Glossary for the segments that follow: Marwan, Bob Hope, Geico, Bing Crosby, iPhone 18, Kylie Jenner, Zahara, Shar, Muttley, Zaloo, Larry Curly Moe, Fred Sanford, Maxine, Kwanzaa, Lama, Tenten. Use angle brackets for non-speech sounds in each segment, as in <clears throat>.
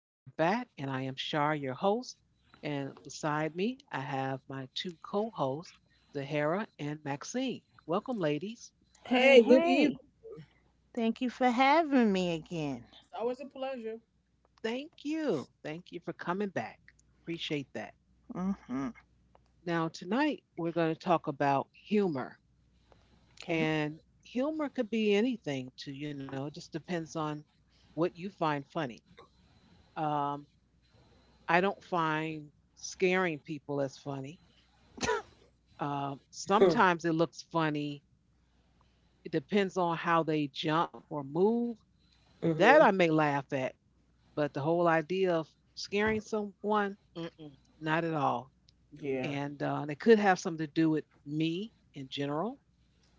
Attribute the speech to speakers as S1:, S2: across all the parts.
S1: We are back, and I am Shar, your host. And beside me, I have my two co hosts, Zahara and Maxine. Welcome, ladies.
S2: Hey,
S3: Hey, good evening.
S2: hey. Thank you for having me again.
S3: It's always a pleasure.
S1: Thank you. Thank you for coming back. Appreciate that.
S2: Mm-hmm.
S1: Now, tonight, we're going to talk about humor.
S2: Okay.
S1: And humor could be anything, to it just depends on what you find funny. Um, I don't find scaring people as funny.
S2: <laughs>
S1: Sometimes it looks funny. It depends on how they jump or move. That I
S3: Mm-hmm.
S1: may laugh at, but the whole idea of scaring someone, mm-mm, not at all.
S3: Yeah.
S1: And it could have something to do with me in general.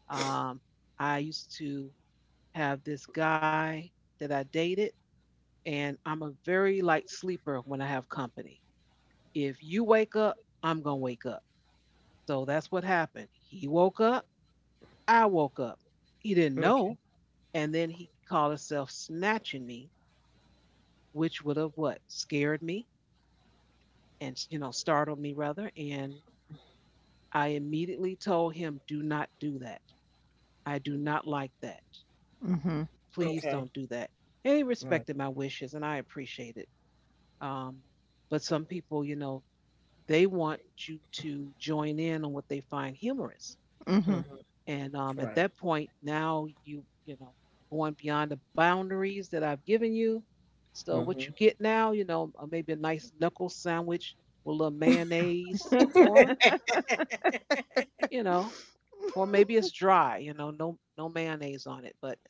S1: Um, I used to have this guy that I dated, and I'm a very light sleeper when I have company. If you wake up, I'm gonna wake up. So that's what happened. He woke up. I woke up. He didn't know,
S3: Okay.
S1: and then he called himself snatching me, which would have what scared me and startled me rather. And I immediately told him, "Do not do that. I do not like that.
S2: Mm-hmm.
S1: Please
S3: Okay.
S1: don't do that." And he
S3: Right.
S1: respected my wishes, and I appreciate it. Um, but some people, you know, they want you to join in on what they find humorous.
S2: Mm-hmm.
S3: Mm-hmm.
S1: And at
S3: Right.
S1: that point, now you know going beyond the boundaries that I've given you. So what you
S3: Mm-hmm.
S1: get now, you know, maybe a nice knuckle sandwich with a little mayonnaise,
S2: <laughs>
S1: or you know, or maybe it's dry, you know, no mayonnaise on it, but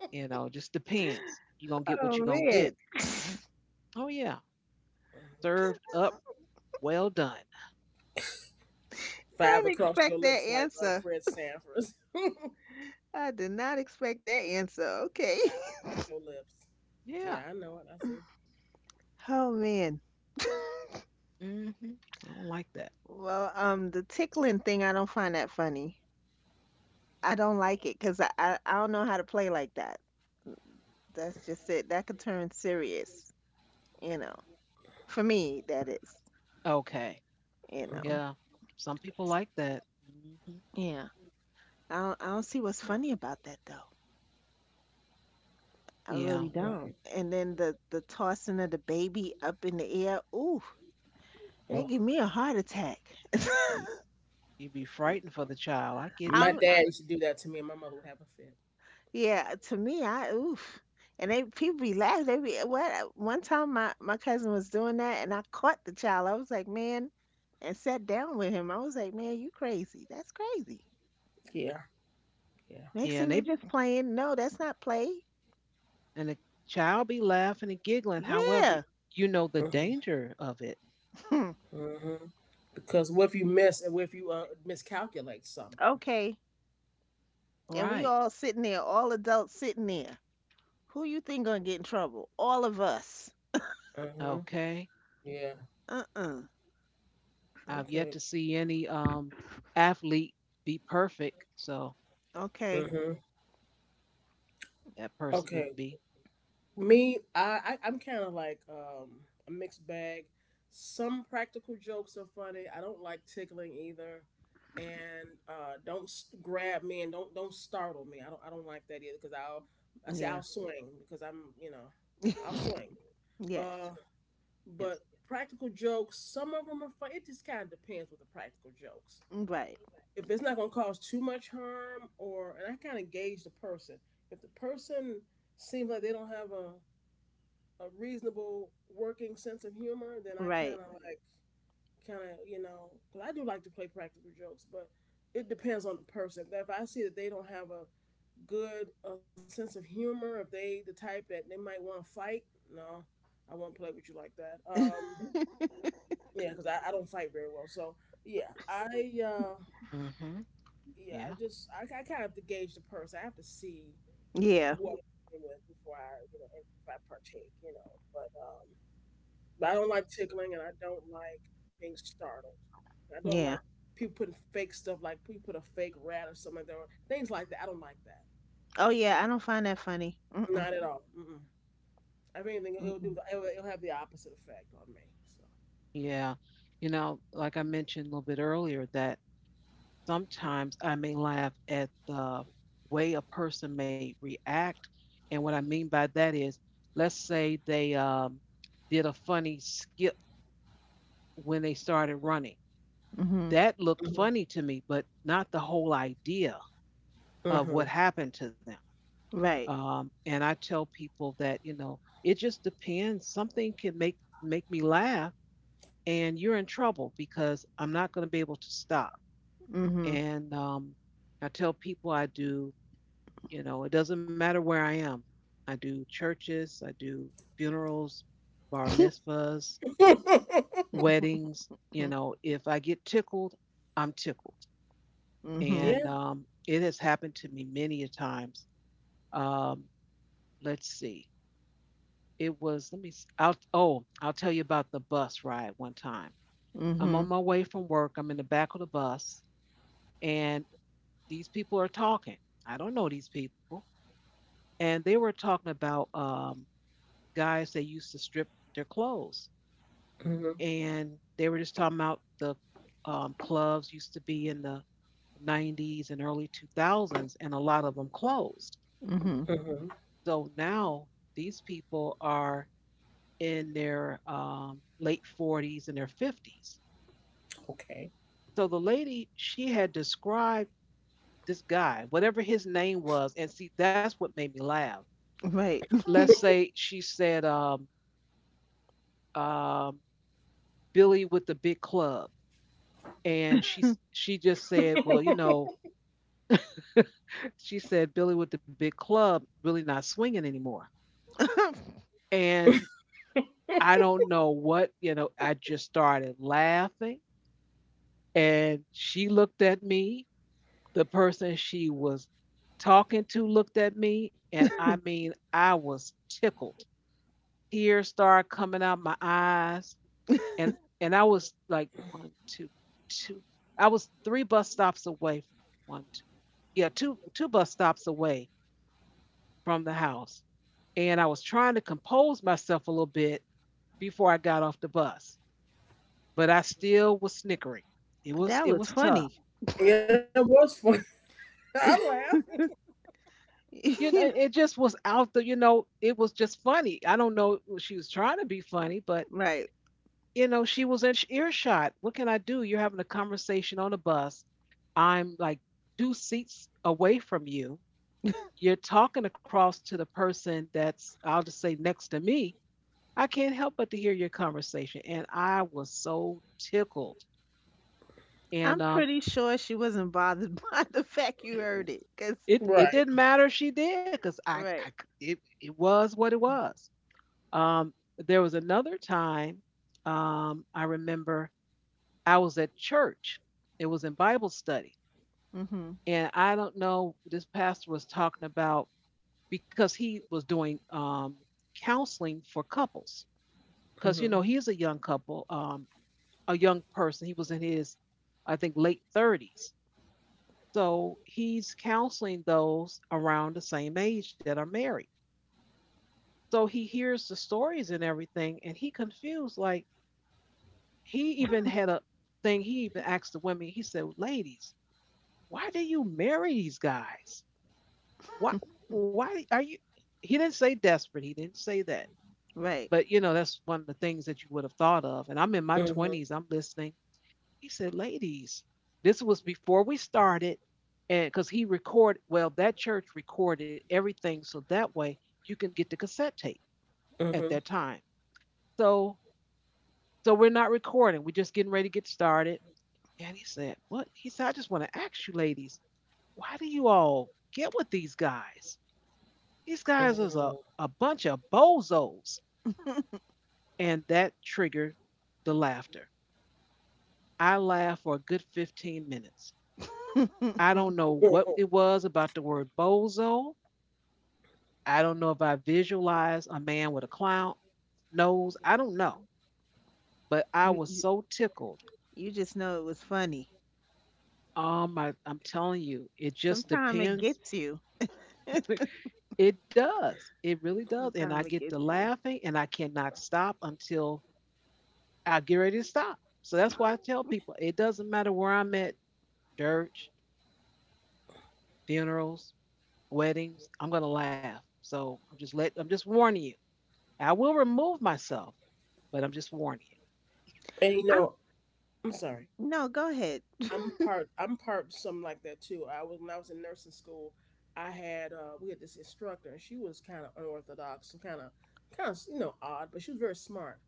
S1: you know, just depends. You're gonna get what
S2: Oh
S1: you're gonna
S2: man.
S1: get. Oh yeah, served up, well done.
S2: I
S3: Five
S2: didn't
S3: across your
S2: expect that
S3: lips, like
S2: answer.
S3: Fred Sanford. <laughs>
S2: I did not expect that answer. Okay.
S3: Five
S2: <laughs>
S3: across your lips.
S1: Yeah.
S3: Yeah, I know it. I see.
S2: Oh man. <laughs>
S1: Hmm. I don't like that.
S2: Well, the tickling thing, I don't find that funny. I don't like it because I don't know how to play like that. That's just it. That could turn serious, you know. For me, that is,
S1: Okay.
S2: you know.
S3: Mm-hmm.
S1: Yeah. Some people like that. Hmm.
S2: Yeah. I don't see what's funny about that though. I
S1: Yeah.
S2: really
S3: Right.
S2: don't. And then the tossing of the baby up in the air, ooh, that
S3: Oh.
S2: give me a heart attack.
S3: Yeah.
S1: You be frightened for the child. I get
S3: My
S1: you.
S2: I'm I-
S3: dad used to do that to me, and my mother would have a fit.
S2: yeah, to me, I oof. And they people be laughing. They be what? One time my cousin was doing that, and I caught the child. I was like, man, and sat down with him. I was like, man, you crazy? That's crazy.
S3: Yeah. Yeah.
S2: Next
S1: Yeah,
S2: thing
S1: and
S2: we
S1: they
S2: just playing. No, that's not play.
S1: and the child be laughing and giggling. However,
S2: Yeah.
S1: you know the
S3: Mm-hmm.
S1: danger of it.
S2: <laughs>
S3: Mm-hmm. Because what if you miss, and what if you miscalculate something?
S2: Okay. And we
S1: Right.
S2: all sitting there, all adults sitting there. Who you think gonna get in trouble? All of us.
S3: Mm-hmm.
S1: Okay.
S3: Yeah.
S2: Uh-uh.
S1: I've yet
S3: Okay.
S1: to see any athlete be perfect, so
S2: Okay.
S3: Mm-hmm.
S1: that person wouldn't
S3: Okay.
S1: be.
S3: Me, I I'm kind of like a mixed bag. Some practical jokes are funny. I don't like tickling either, and don't grab me and don't startle me. I don't like that either because I'll I say
S2: Yeah.
S3: I'll swing because I'm you know I'll
S2: <laughs>
S3: swing.
S2: Yes.
S3: Uh,
S1: Yes.
S3: but practical jokes, some of them are fun. It just kind of depends with the practical jokes.
S2: Right.
S3: If it's not gonna cause too much harm, or and I kind of gauge the person. If the person seems like they don't have a reasonable working sense of humor, then I kind
S2: Right.
S3: of
S2: <laughs>
S3: like kind of you know because I do like to play practical jokes, but it depends on the person. If I see that they don't have a good sense of humor, if they the type that they might want to fight, no, I won't play with you like that. Yeah, because I don't fight very well. So yeah, I uh,
S1: Hmm.
S3: yeah I
S1: Yeah.
S3: just I kind of have to gauge the person. I have to see
S2: Yeah.
S3: what I'm dealing with before I you know if I partake. You know, but but I don't like tickling and I don't like being startled. I don't
S2: Yeah.
S3: like people putting fake stuff like people put a fake rat or something there, things like that. I don't like that.
S2: Oh yeah. I don't find that funny. Mm-mm.
S3: Not at all. Mm-mm. If anything, it'll do.
S2: Mm-mm.
S3: The, it'll have the opposite effect on
S1: Yeah. You know, like I mentioned a little bit earlier, that sometimes I may laugh at the way a person may react. And what I mean by that is, let's say they did a funny skip when they started running.
S2: Mm-hmm.
S1: That looked
S3: me.
S1: funny to me, but not the whole idea of what happened to them.
S2: Right.
S1: And I tell people that you know it just depends. Something can make me laugh, and you're in trouble because I'm not going to be able to stop.
S2: Mm-hmm.
S1: And I tell people I do. You know, it doesn't matter where I am. I do churches, I do funerals, bar mitzvahs,
S3: So. Mm-hmm.
S1: weddings. You know, if I get tickled, I'm tickled.
S2: Mm-hmm.
S3: <laughs>
S1: And
S3: yeah.
S1: um, it has happened to me many a times. Um, let's see. It was, let me, s- I'll, oh, I'll tell you about the bus ride one time. I'm
S2: Mm-hmm.
S1: on my way from work. I'm in the back of the bus, and these people are talking. I don't know these people. And they were talking about guys that used to strip their clothes.
S3: Mm-hmm.
S1: And they were just talking about the clubs used to be in the 90s and early 2000s, and a lot of them closed.
S2: Mm-hmm.
S3: Mm-hmm.
S1: So now these people are in their late 40s and their 50s.
S3: Okay.
S1: So the lady, she had described this guy, whatever his name was, and see, that's what made me laugh.
S2: Right.
S1: Let's say she said, um, Billy with the big club, and she just said, "Well, you know," <laughs> she said, "Billy with the big club really not swinging anymore."
S2: <laughs> But
S1: And I don't know what you know. I just started laughing, and she looked at me. The person she was talking to looked at me, and I mean, I was tickled. Tears started coming out my eyes, and I was like one, two, two. I was three bus stops away. One, two, yeah, two bus stops away from the house. And I was trying to compose myself a little bit before I got off the bus, but I still was snickering. It was
S2: that
S1: it
S2: was
S1: was
S2: funny.
S1: tough.
S3: Yeah, it was funny. <laughs> I
S2: <laughs>
S3: laughed.
S1: You know,
S2: You know,
S1: it just was out the, you know, it was just funny. I don't know if she was trying to be funny, but
S2: right.
S1: you know, she was in earshot. What can I do? You're having a conversation on a bus. I'm like two seats away from you. You're talking across to the person that's, I'll just say, next to me. I can't help but to hear your conversation, and I was so tickled. And
S2: I'm pretty sure she wasn't bothered <laughs> by the fact you heard it. Cause
S1: It didn't
S3: Right.
S1: matter if she did because I
S2: right.
S1: it it was what it was. Um, there was another time I remember I was at church. It was in Bible study,
S2: Mm-hmm.
S1: and I don't know. This pastor was talking about because he was doing counseling for couples because you know
S3: Mm-hmm.
S1: he's a young couple, a young person. He was in his I think late 30s. So he's counseling those around the same age that are married. So he hears the stories and everything, and he confused. Like he even had a thing. He even asked the women. He said, "Ladies, why do you marry these guys? Why? Why are you?" He didn't say desperate. He didn't say that.
S2: <laughs> Right.
S1: But you know, that's one of the things that you would have thought of. And I'm in my
S3: Mm-hmm.
S1: 20s. I'm listening. He said, ladies, this was before we started. And because he recorded, well, that church recorded everything. So that way you can get the cassette tape at
S3: Mm-hmm.
S1: that time. So, so we're not recording. We're just getting ready to get started. And he said, what? He said, I just want to ask you ladies, why do you all get with these guys? These guys is a
S3: <laughs>
S1: bunch of bozos. And that triggered the laughter. I laughed for a good 15 minutes.
S2: <laughs>
S1: I
S2: you,
S1: don't know what
S3: Mm-hmm.
S1: it was about the word bozo. I don't know if I visualized a man with a clown nose. I don't know. But I was
S2: you
S1: so tickled.
S2: you just know it was funny.
S1: My I'm telling you, it just
S2: Sometimes it
S1: depends.
S2: gets you.
S1: It does. It really does. And I
S2: Sometimes it
S1: get to
S2: gets you.
S1: laughing and I cannot stop until I get ready to stop. So that's why I tell people it doesn't matter where I'm at, church, funerals, weddings, I'm gonna laugh. So I'm just warning you. I will remove myself, but I'm just warning you.
S3: And you
S2: I
S3: know, I'm sorry.
S2: No, go ahead. <laughs>
S3: I'm part something like that too. I was when I was in nursing school, I had we had this instructor and she was kind of unorthodox and kind of you know odd, but she was very smart.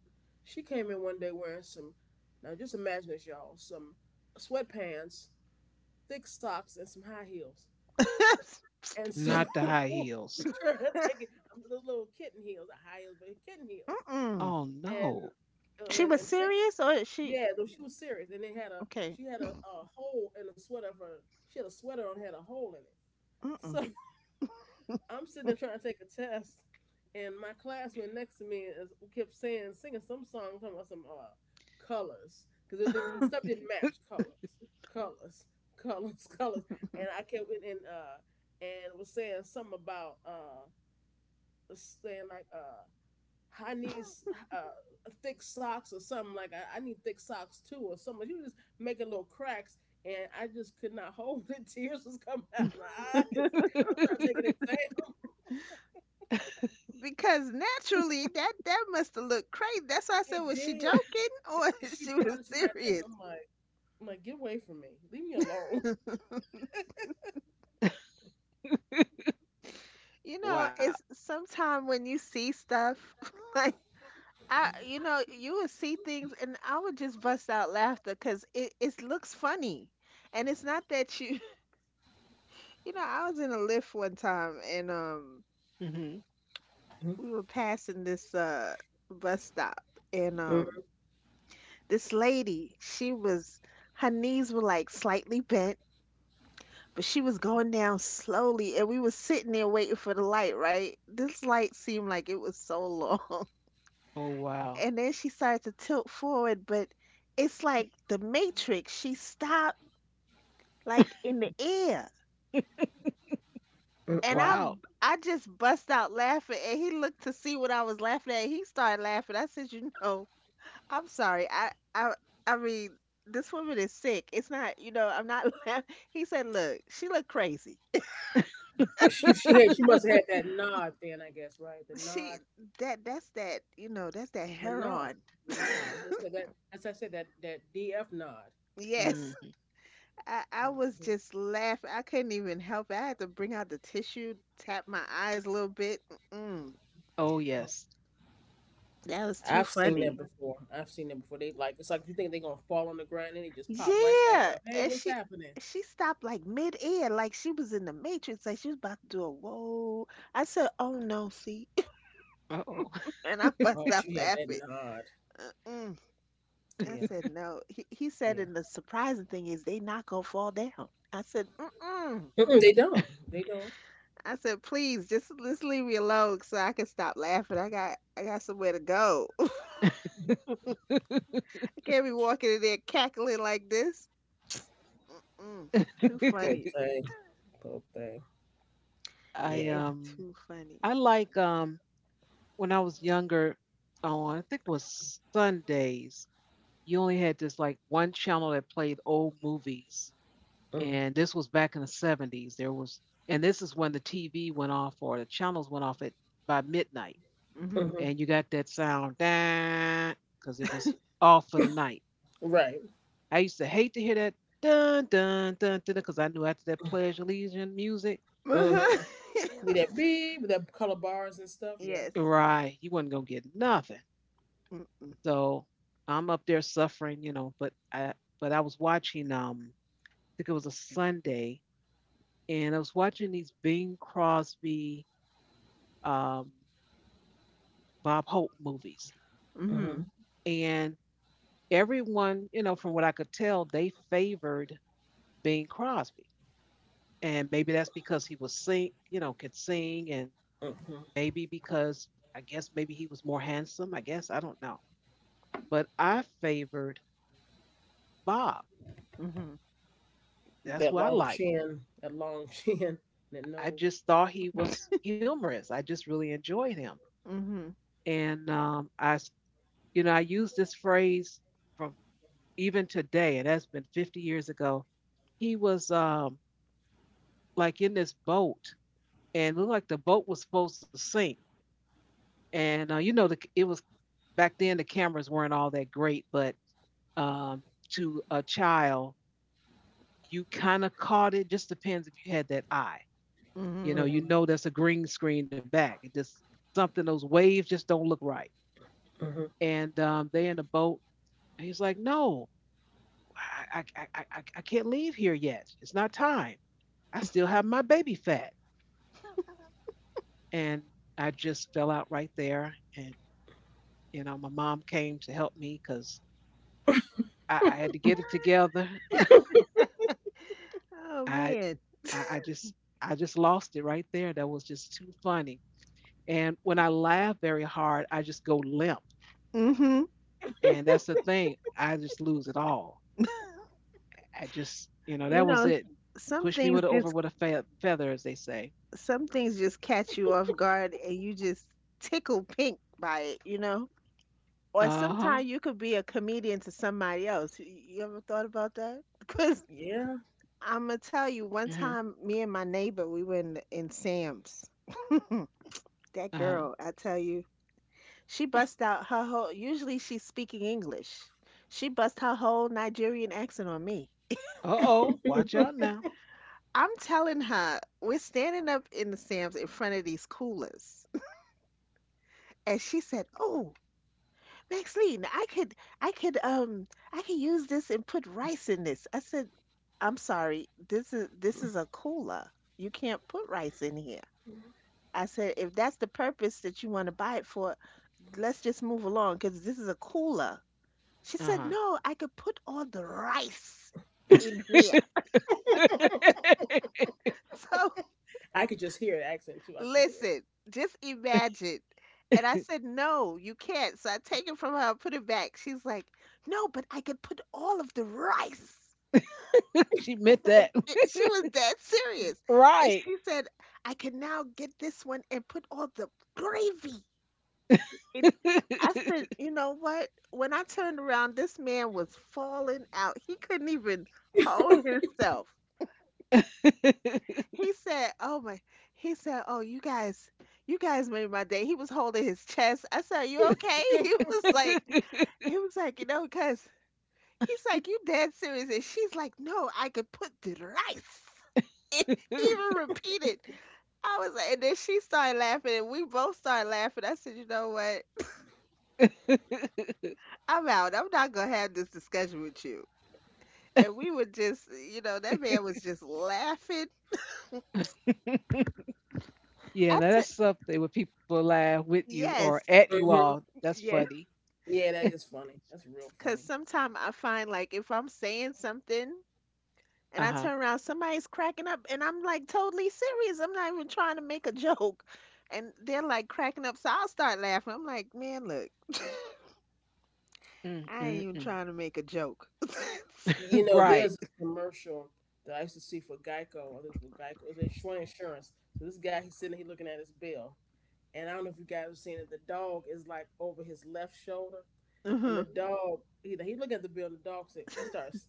S3: She came in one day wearing some now just imagine this y'all, some sweatpants, thick socks and some high heels. And so
S1: Not
S3: <laughs>
S1: the high
S3: we
S1: heels.
S3: tried to take it I'm little kitten heels, not high heels, but kitten heels
S2: Mm-mm.
S1: Oh
S3: and
S1: no.
S2: She was
S3: and fix.
S2: serious, or she
S3: Yeah, though she was serious, and they had a
S2: okay?
S3: she had a hole in the sweater of her. She had a sweater on had a hole in it.
S2: Mm-mm.
S3: So <laughs> I'm sitting there trying to take a test, and my classmate next to me is, kept saying, singing some song talking about some colors because it didn't,
S2: <laughs>
S3: stuff didn't match colors, colors, colors, <laughs> colors, and I kept in and was saying something about saying like I need thick socks or something like I need thick socks too or something. You just making little cracks, and I just could not <laughs> hold it. Tears was coming out of
S1: <laughs>
S3: my eyes. I'm trying to take an example.
S2: Because naturally, that that must have looked crazy. That's why I said,
S3: It
S2: was she
S3: did.
S2: joking or <laughs>
S3: She
S2: she was
S3: brought it to my
S2: serious?
S3: attention. I'm like, get away from me. Leave me alone.
S2: You know,
S1: Wow.
S2: it's sometime when you see stuff <laughs> like I, you know, you would see things, and I would just bust out laughter because it looks funny, and it's not that you, <laughs> you know, I was in a lift one time, and
S1: Hmm.
S2: we were passing this bus stop, and
S3: Mm-mm,
S2: this lady, she was, her knees were like slightly bent, but she was going down slowly, and we was sitting there waiting for the light, right? This light seemed like it was so <laughs> long,
S1: Oh wow.
S2: and then she started to tilt forward, but it's like the Matrix. She stopped like in the air. And
S3: mm-mm.
S1: Wow.
S2: I just bust out laughing and he looked to see what I was laughing at. He started laughing. I said, "You know, I'm sorry. I I mean, this woman is sick. It's not, you know, I'm not <laughs> laughing." He said, "Look, she look crazy.
S3: She had she must have had that nod then. I guess right. The
S2: She
S3: nod.
S2: That that's that, you know, that's that
S3: The nod.
S2: heroin."
S3: The nod. That's what I said.
S2: <laughs>
S3: That as I said that DF nod.
S2: Yes.
S1: Hmm.
S2: I was
S3: Mm-hmm.
S2: just laughing. I couldn't even help it. I had to bring out the tissue, tap my eyes a little bit. Mm,
S1: Oh yes.
S2: that was too
S3: I've seen that
S2: funny.
S3: before. I've seen that before. They like it's like you think they're gonna fall on the ground and they just pop right back
S2: Yeah,
S3: up. Hey,
S2: and
S3: what's happening?
S2: she stopped like mid-air, like she was in the Matrix, like she was about to do a whoa. I said, "Oh no, see,"
S1: Oh,
S2: <laughs> and I
S3: Oh,
S2: bust out
S3: she had that
S2: laughing.
S3: nod.
S2: Mm-mm. I
S3: Yeah,
S2: said, "No." He said,
S3: yeah.
S2: and the surprising thing is they not gonna fall down. I said, "Mm-mm."
S3: Mm-mm, they don't. They don't.
S2: I said, please just let's leave me alone so I can stop laughing. I got somewhere to go. <laughs> I can't be walking in there cackling like this. Mm, too
S1: <laughs>
S3: Pope
S2: funny.
S3: thing. Pope thing.
S2: It
S1: I
S2: is
S3: Yeah.
S1: um
S2: too
S1: I
S2: funny.
S1: like when I was younger, on I think it was Sundays, you only had this like one channel that played old movies.
S3: Mm.
S1: And this was back in the 70s. There was, and this is when the TV went off or the channels went off at by midnight.
S2: Hmm
S3: Mm-hmm.
S1: And you got that sound, because it was off for the night.
S3: Right.
S1: I used to hate to hear that dun dun dun dun because I knew after that Pledge of Allegiance music,
S3: Mm-hmm.
S2: <laughs>
S3: With that B, with that color bars and stuff. Yeah.
S2: Yes.
S1: right, you wasn't gonna get nothing.
S2: Mm-mm.
S1: So I'm up there suffering, you know, but I was watching I think it was a Sunday and I was watching these Bing Crosby um Bob Hope movies.
S3: Mm-hmm.
S2: hmm
S1: And everyone, you know, from what I could tell, they favored Bing Crosby. And maybe that's because he was sing, you know, could sing and
S3: Mm-hmm.
S1: maybe because I guess maybe he was more handsome, I guess, I don't know. But I favored Bob.
S2: hmm
S1: That's
S3: That
S1: who I
S3: long
S1: like.
S3: chin. That long <laughs> chin. That
S1: I
S3: nose.
S1: just thought he was humorous. I just really enjoyed him.
S2: hmm
S1: And um, I, s- you know, I use this phrase from even today, and that's been 50 years ago. He was like in this boat, and looked like the boat was supposed to sink. And you know, it was back then. The cameras weren't all that great, but um, to a child, you kind of caught it. Just depends if you had that eye.
S2: hmm
S3: Mm-hmm.
S1: You know that's a green screen in the back. It just something those waves just don't look right,
S3: Mm-hmm.
S1: and they in the boat. And he's like, "No, I can't leave here yet. It's not time. I still have my baby fat." And I just fell out right there. And you know, my mom came to help me because I had to get it together.
S2: Oh
S1: I,
S2: man.
S1: I, I just, I just lost it right there. That was just too funny. And when I laugh very hard, I just go limp.
S2: Hmm
S1: And that's the thing. I just lose it all.
S2: <laughs>
S1: I just, you know,
S2: You
S1: that was
S2: know,
S1: it.
S2: some
S1: Push me
S2: things
S1: with a, over
S2: just
S1: with a feather, as they say.
S2: some things just catch you off guard and you just tickle pink by it. You know. Or
S1: Uh huh.
S2: sometimes you could be a comedian to somebody else. You ever thought about that? <laughs> Because
S3: Yeah.
S2: I'm gonna tell you, one
S1: Hmm.
S2: time, me and my neighbor, we were in Sam's.
S1: Uh
S2: That
S1: huh.
S2: girl, I tell you, she bust out her whole. Usually, she's speaking English. She bust her whole Nigerian accent on me.
S1: Uh oh. Watch out now.
S2: I'm telling her, we're standing up in the Sam's in front of these coolers, <laughs> and she said, "Oh, Maxine, I could um I could use this and put rice in this." I said, "I'm sorry, this is a cooler. You can't put rice in here." I said, "If that's the purpose that you want to buy it for, let's just move along because this is a cooler." She
S1: Uh
S2: said,
S1: huh.
S2: "No, I could put all the rice in here." <laughs> So
S3: I could just hear the accent too. I could just hear
S2: listen, just imagine. And I said, "No, you can't." So I take it from her, I put it back. She's like, "No, but I could put all of the rice."
S1: <laughs> She meant that.
S2: It, she was dead serious, and
S1: <laughs> Right.
S2: she said, "I can now get this one and put all the gravy." And
S1: <laughs>
S2: I said, "You know what? When I turned around, this man was falling out. He couldn't even hold himself." He said, "Oh my!" He said, "Oh, you guys made my day." He was holding his chest. I said, "Are you okay?" <laughs> He was like, you know, because." He's like, "You dead serious?" And she's like, "No, I could put the rice." <laughs> And he even repeated. I was like, and then she started laughing, and we both started laughing. I said, "You know what? I'm out. I'm not gonna have this discussion with you." And we were just, you know, that man was just laughing. I
S1: Yeah,
S2: t-
S1: now that's something when people laugh with you or
S2: yes,
S1: at you
S3: it.
S1: all.
S3: <laughs>
S1: That's
S2: yes,
S1: funny.
S3: Yeah, that is funny. That's real
S2: because
S3: funny.
S2: sometimes I find like if I'm saying something and I
S1: Uh
S2: turn
S1: huh.
S2: around, somebody's cracking up, and I'm like totally serious. I'm not even trying to make a <laughs> joke. And they're like cracking up, so I'll start laughing. I'm like, man, look,
S1: Mm,
S2: I ain't
S1: mm,
S2: even
S1: mm.
S2: trying to make a joke. <laughs>
S3: You know, there's
S1: Right.
S3: this commercial that I used to see for Geico. I think it was for Geico. It was insurance. Insurance. So this guy, he's sitting here looking at his bill. And I don't know if you guys have seen it. The dog is like over his left shoulder. And
S2: hmm
S3: the dog, he looking at the bill and the dog said, he starts,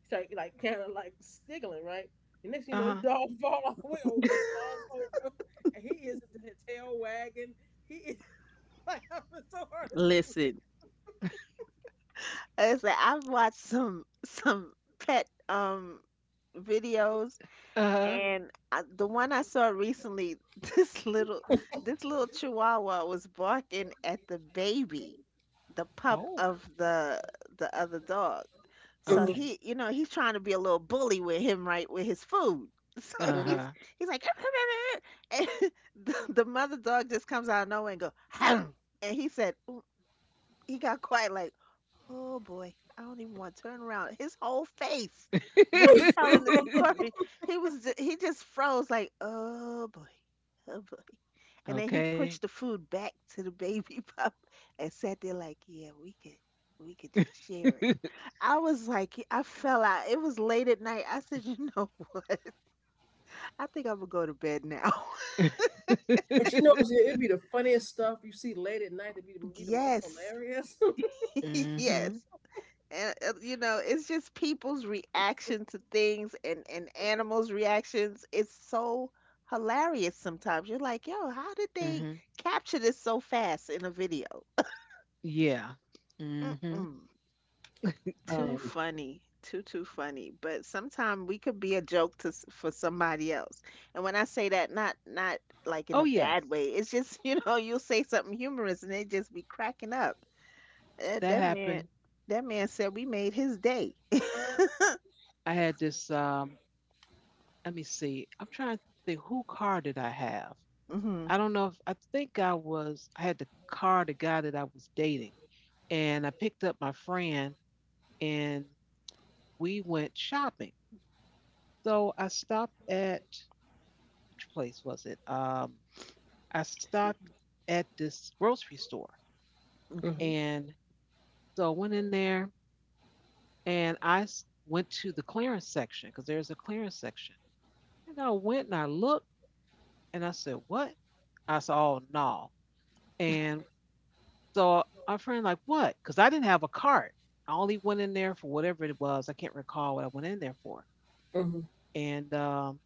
S3: he started like kind of like stiggling, right? And next thing you
S1: Uh
S3: know, this
S1: huh.
S3: dog <laughs> fall all the way over. He falls over. And he is the tail wagging. He is <laughs> like, I'm so hard at this
S2: Listen, it's like I've watched some pet videos,
S1: Uh huh.
S2: and I, the one I saw recently, <laughs> this little this little Chihuahua was barking at the baby, the pup
S1: Oh,
S2: of the other dog. So
S3: man.
S1: okay.
S2: he, you know, he's trying to be a little bully with him, right, with his food. <laughs> So
S3: Mm-hmm.
S2: he's
S1: Uh
S2: he's like, <laughs> and the mother dog just comes out of nowhere and go, <laughs> and he said, "Ooh," he got quiet like, oh boy, I don't even want to turn around. His whole face
S1: huh.
S2: was telling the
S3: Mm-hmm.
S2: <laughs>
S3: <laughs>
S1: <laughs>
S2: story. He just froze like, oh boy, oh boy. And then he
S1: Okay.
S2: pushed the food back to the baby <laughs> pup and sat there like, yeah, we could just share it. I was like, I fell out. It was late at night. I said, <laughs> you know, what? I think I'm gonna go to bed now. <laughs>
S3: But you know,
S1: <laughs>
S3: it'd be the funniest stuff you see late at night. It'd be the most
S2: Yes.
S3: hilarious. <laughs>
S2: <laughs>
S1: Mhm.
S2: Yes. And you know, it's just people's reaction to things and animals' reactions. It's so hilarious sometimes. You're like, yo, how did they
S1: Mhm.
S2: capture this so fast in a video?
S1: Yeah. Mhm.
S2: Mm-mm. Too
S3: um,
S2: funny, too funny. But sometimes we could be a joke to s- for somebody else. And when I say that, not not like in
S1: Oh
S2: a bad
S1: yes,
S2: way. It's just <laughs> you know you'll say something humorous and they just be cracking up. That,
S1: that
S2: that man,
S1: happened.
S2: that man said we made his day.
S1: I had this. Let me see. I'm trying to think. Who car did I have?
S2: Mm-hmm.
S1: I don't know if I think I was. I had the car the guy that I was dating, and I picked up my friend, and we went shopping. So I stopped at, which place was it? I
S2: Excuse
S1: stopped
S2: me.
S1: at this grocery store,
S3: mhm,
S2: Okay.
S1: and so I went in there and went to the clearance section because there's a clearance section. And I went and I looked and I said, "What?" I said, "Oh no." And so our friend like, "What?" Because I didn't have a cart. I only went in there for whatever it was. I can't recall what I went in there for.
S3: mhm,
S1: And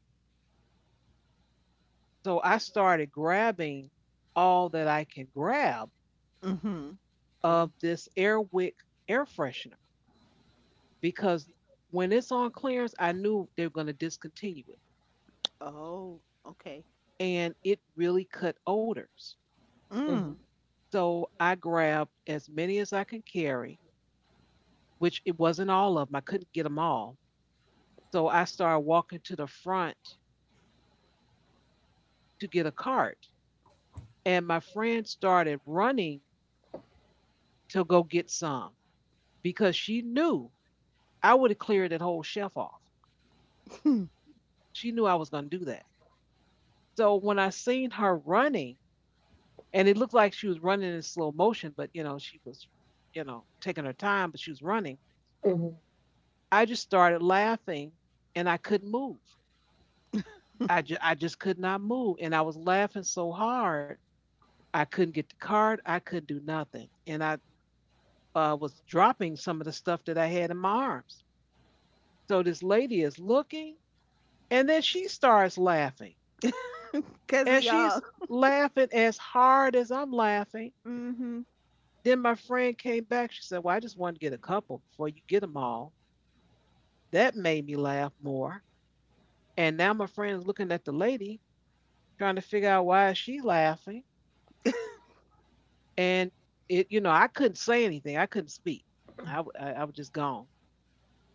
S1: so I started grabbing all that I can grab
S2: Mm-hmm.
S3: mhm,
S1: of this Airwick air freshener because when it's on clearance, I knew they were going to discontinue it,
S2: Oh, okay.
S1: and it really cut odors.
S3: mhm,
S2: Mm.
S1: So I grabbed as many as I could carry, which it wasn't all of them. I couldn't get them all. So I started walking to the front to get a cart. And my friend started running to go get some because she knew I would have cleared that whole shelf off.
S2: <laughs>
S1: She knew I was going to do that. So when I seen her running, and it looked like she was running in slow motion, but she was taking her time, but she was running.
S3: mhm.
S1: I just started laughing and I couldn't move. I just could not move, and I was laughing so hard I couldn't get the card. I couldn't do nothing, and I was dropping some of the stuff that I had in my arms. So this lady is looking, and then she starts laughing,
S2: Cause of
S1: and she's
S2: y'all.
S1: laughing as hard as I'm laughing.
S2: Mm-hmm.
S1: Then my friend came back. She said, "Well, I just wanted to get a couple before you get them all." That made me laugh more. And now my friend's looking at the lady, trying to figure out why she's laughing.
S2: <laughs>
S1: And it, you know, I couldn't say anything. I couldn't speak. I was just gone.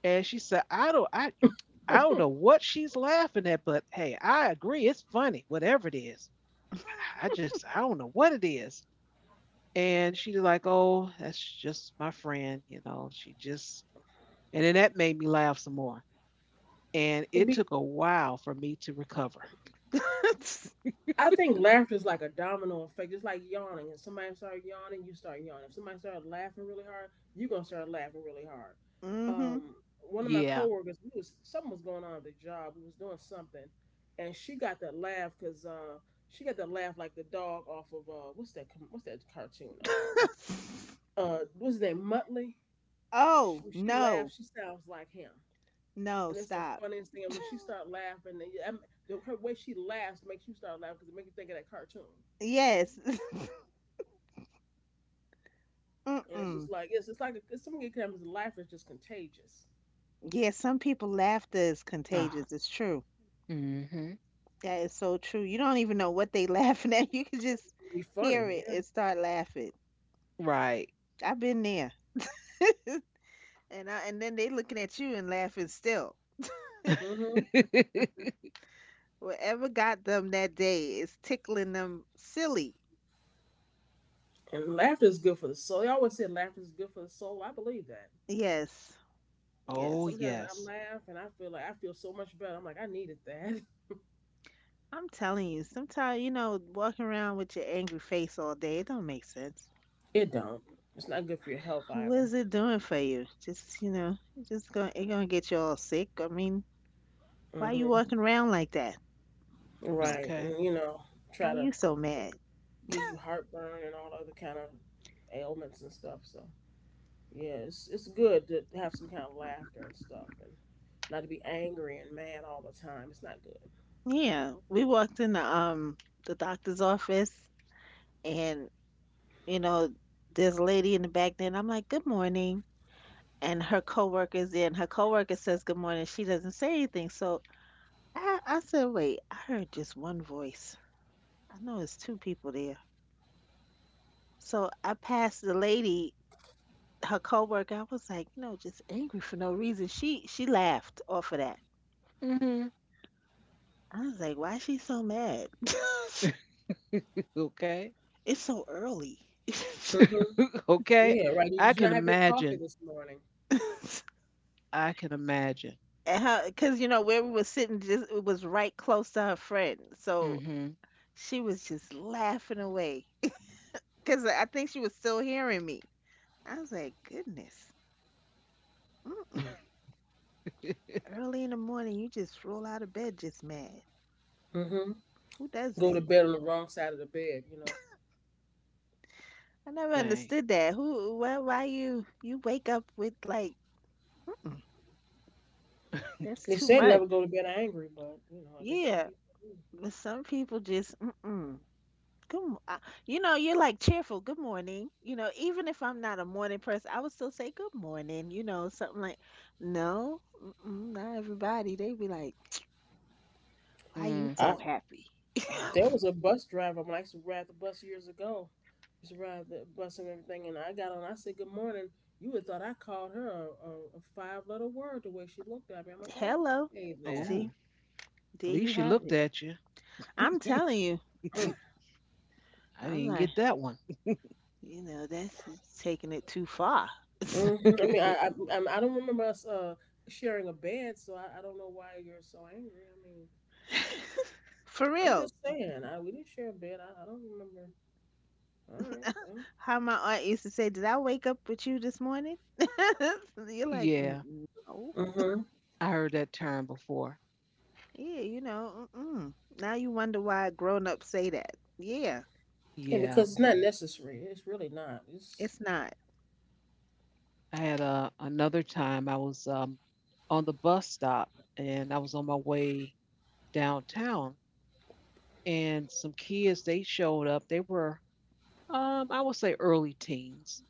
S1: And she said, "I don't know what she's laughing at, but hey, I agree, it's funny whatever it is. I just i don't know what it is." And she's like, "Oh, that's just my friend, you know, she just." And then that made me laugh some more. And
S3: It'd
S1: it
S3: be.
S1: took a while for me to recover.
S3: I think laughter is like a domino effect. It's like yawning. If somebody starts yawning, you start yawning. If somebody starts laughing really hard, you're gonna start laughing really hard.
S2: Mm-hmm.
S3: Um, one of my
S1: Yeah.
S3: coworkers, we was something was going on at the job. We was doing something, and she got that laugh because she got that laugh like the dog off of what's that? What's that cartoon?
S2: <laughs>
S3: What's his name? Muttley. Sh
S2: Oh
S3: when she
S2: no,
S3: laughs, she sounds like him,
S2: no,
S3: and it's the
S2: stop.
S3: funniest thing. And
S2: <laughs>
S3: when she start laughing, and yeah, the, her way she laughs makes you start laughing because it makes you think of that cartoon.
S2: Yes. <laughs>
S3: And it's just
S2: Mm-mm.
S3: like it's like a, something comes and laugh is just contagious.
S2: Yeah, some people laughter is
S1: Uh-huh.
S2: contagious. It's true.
S1: Mm-hmm.
S2: That is so true. You don't even know what they <laughs> laughing at. You can just
S3: Be funny,
S2: hear it
S3: yeah.
S2: and start laughing.
S1: Right.
S2: I've been there. And I, and then they looking at you and laughing still.
S3: Hmm.
S1: <laughs>
S2: Whatever got them that day is tickling them silly.
S3: And laughter is good for the soul. They always say laughter is good for the soul. I believe that
S2: Yes.
S3: because
S1: Oh
S2: Yes.
S3: sometimes I
S1: yes.
S3: laugh and I feel like I feel so much better. I'm like I needed that. <laughs>
S2: I'm telling you, sometimes, you know, walking around with your angry face all day, it don't make sense.
S3: It don't. It's not good for your health
S2: What
S3: either.
S2: is it doing for you? Just, you know, it's just going to it gonna get you all sick. I mean, why you
S3: Hmm.
S2: walking around like that?
S3: Right.
S1: Okay.
S3: And you know, try
S2: Why
S3: to
S2: you so mad?
S3: give you heartburn and all the other kind of ailments and stuff. So yeah, it's good to have some kind of laughter and stuff, and not to be angry and mad all the time. It's not good.
S2: Yeah, we walked in the doctor's office and you know, there's a lady in the back there and I'm like, good morning, and her coworker's there and her coworker says good morning. She doesn't say anything. So I said, wait, I heard just one voice. I know it's two people there. So I passed the lady, her coworker, I was like, you know, just angry for no reason. She laughed off of that. I was like, why is she so mad? <laughs>
S1: <laughs> Okay.
S2: It's so early. <laughs>
S3: Mm-hmm.
S1: <laughs> Okay.
S3: Yeah, right. You
S1: I
S3: did
S1: can
S3: not have your coffee
S1: imagine.
S3: this morning.
S2: And
S1: I can imagine.
S2: how, cause you know where we were sitting, just it was right close to her friend, so
S1: Mm-hmm.
S2: she was just laughing away. <laughs> Cause I think she was still hearing me. I was like, goodness, mm-mm,
S1: <laughs>
S2: early in the morning, you just roll out of bed just mad.
S3: Mm-hmm.
S2: Who does
S3: Go to
S2: that?
S3: bed on the wrong side of the bed. You know,
S2: I never
S1: Dang.
S2: understood that. Who? Why? Why you? You wake up with like, mm-mm, that's
S3: they
S2: too
S3: said
S2: much.
S3: never go to bed angry, but you know, I guess some
S2: Yeah,
S3: people do.
S2: but some people just, mm-mm. Good, mo- uh, you know, you're like cheerful. Good morning. You know, even if I'm not a morning person, I would still say good morning. You know, something like, no, mm-mm, not everybody. They be like, why you
S1: Mm.
S2: so
S3: I
S2: happy?
S3: There was a bus driver when I used to ride the bus years ago. Used to ride the bus and everything, and I got on. I said, "Good morning." You would thought I called her a five letter word the way she looked at me. I'm like,
S2: Hello.
S3: "Okay
S2: See,
S1: Oh,
S3: then."
S2: there
S1: at
S2: you
S1: least she
S2: have
S1: looked
S2: it.
S1: at you.
S2: I'm telling you,
S3: Mm.
S1: <laughs> I
S2: I'm
S1: didn't
S2: like,
S1: get that one. <laughs>
S2: that's just taking it too far.
S3: Mm-hmm. I mean, I I'm- I don't remember us sharing a bed, so I don't know why you're so angry. I mean,
S2: <laughs> For
S3: I'm just
S2: real.
S3: saying, I, we didn't share a bed. I don't remember. All right, well,
S2: How my aunt used to say, did I wake up with you this morning? <laughs> You're like,
S1: Yeah,
S2: "Mm, no.
S3: mm-hmm.
S1: I heard that term before.
S2: Yeah, mm-mm. Now you wonder why grown-ups say that. Yeah,
S3: Yeah,
S1: Yeah,
S3: because it's not necessary. It's really not. It's.
S2: it's not.
S1: I had another time I was on the bus stop and I was on my way downtown, and some kids they showed up. They were, I would say, early teens,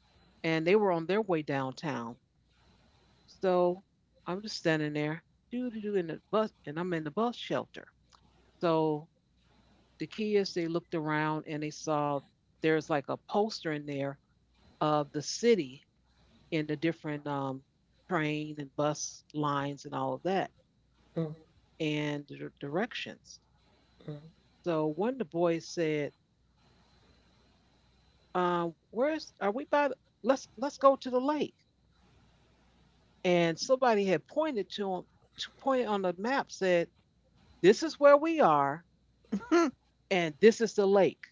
S1: and they were on their way downtown. So I'm just standing there, doo doo doo, in the bus, and I'm in the bus shelter. So the kids they looked around and they saw there's like a poster in there of the city and the different train and bus lines and all of that
S3: Mm-hmm.
S1: and the directions. So one of the boys said, "Where's are we by? Let's go to the lake." And somebody had pointed to him, to pointed on the map, said, "This is where we are,
S2: <laughs>
S1: and this is the lake."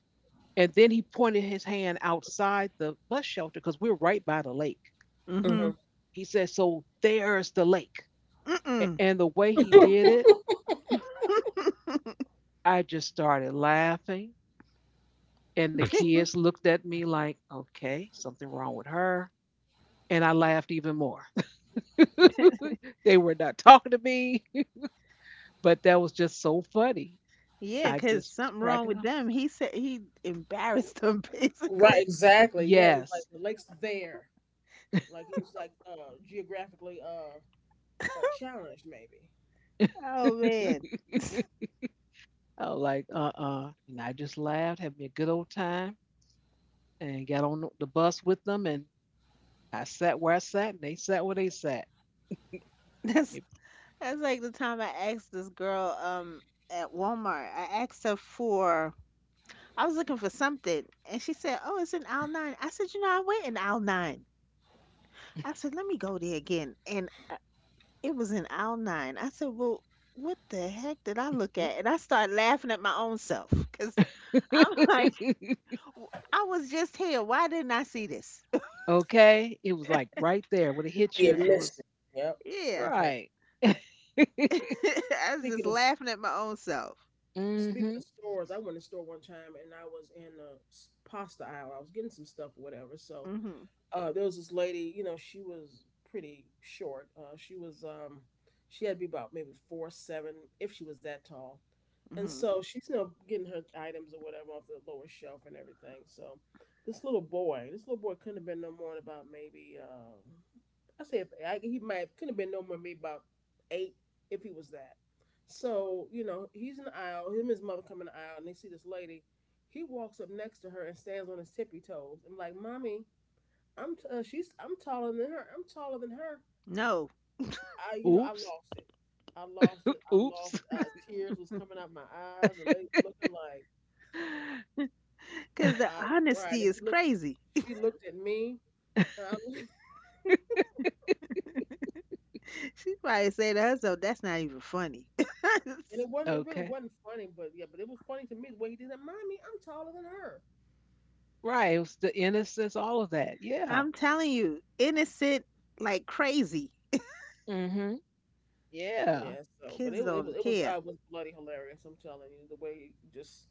S1: And then he pointed his hand outside the bus shelter because we're right by the lake.
S2: Mm-hmm.
S3: Mm-hmm.
S1: He said, "So there's the lake."
S2: Mm-mm.
S1: And the way he did it,
S2: <laughs>
S1: I just started laughing. And the kids looked at me like, "Okay, something wrong with her." And I laughed even more. <laughs> They were not talking to me, <laughs> but that was just so funny.
S2: Yeah,
S1: I
S2: 'cause
S1: just was
S2: something wrong with
S1: cracking up.
S2: them. He said he embarrassed them <laughs>
S3: Right,
S2: basically.
S3: exactly. Yeah, he was like
S1: Yes.
S3: the lake's there. Like he was like geographically challenged maybe.
S1: <laughs>
S2: Oh
S1: I
S2: man.
S1: was like, uh. And I just laughed, having a good old time and got on the bus with them, and I sat where I sat, and they sat where they sat.
S2: That's
S1: It-
S2: that's like the time I asked this girl at Walmart. I asked her for I was looking for something and she said, "Oh, it's in aisle 9." I said, "You know, I went in aisle 9." I said, "Let me go there again." And It was in aisle 9. I said, "Well, what the heck did I look at?" And I started laughing at my own self because I'm <laughs> like,
S1: <laughs>
S2: "W- I was just here. Why didn't I see this? <laughs>
S1: okay, it was like right there. Would it hit
S3: He
S1: you
S3: had
S1: if it
S3: missed
S1: was
S3: it. Yep.
S2: Yeah.
S3: I've had
S1: right? <laughs>
S2: <laughs> I was just
S3: speaking of
S2: laughing at my own self.
S3: speaking
S1: Hmm.
S3: of stores, I went to store one time and I was in the pasta aisle. I was getting some stuff or whatever. So
S2: Hmm.
S3: there was this lady, you know, she was pretty short. She was, she had to be about maybe 4'7" if she was that tall. And
S2: Hmm.
S3: so she's you know getting her items or whatever off the lower shelf and everything. So this little boy couldn't have been no more than about maybe, I say if, I, he might couldn't have been no more than maybe about eight if he was that. So you know he's in the aisle. Him and his mother come in the aisle and they see this lady. He walks up next to her and stands on his tippy toes. I'm like, mommy, she's I'm taller than her. I'm taller than her.
S2: No,
S3: I you know I
S1: Oops.
S3: lost it. I lost it. I lost
S1: Oops.
S3: it. Tears was coming out my eyes. The lady looking like
S2: because the
S1: <laughs>
S3: I cried.
S2: honesty
S3: And
S2: is crazy.
S3: she looked at me and I <laughs>
S2: <laughs> She probably say to herself, that's not even funny.
S3: and
S2: <laughs>
S3: it wasn't it really
S1: Okay.
S3: wasn't funny, but yeah, but it was funny to me the way he did that. Mommy, I'm taller than her.
S1: Right. It was the innocence, all of that. Yeah.
S2: I'm telling you, innocent like crazy.
S1: Hmm. Yeah.
S3: Yeah, so but it
S2: Kids don't
S3: it was I
S2: care.
S3: was bloody hilarious. I'm telling you the way he just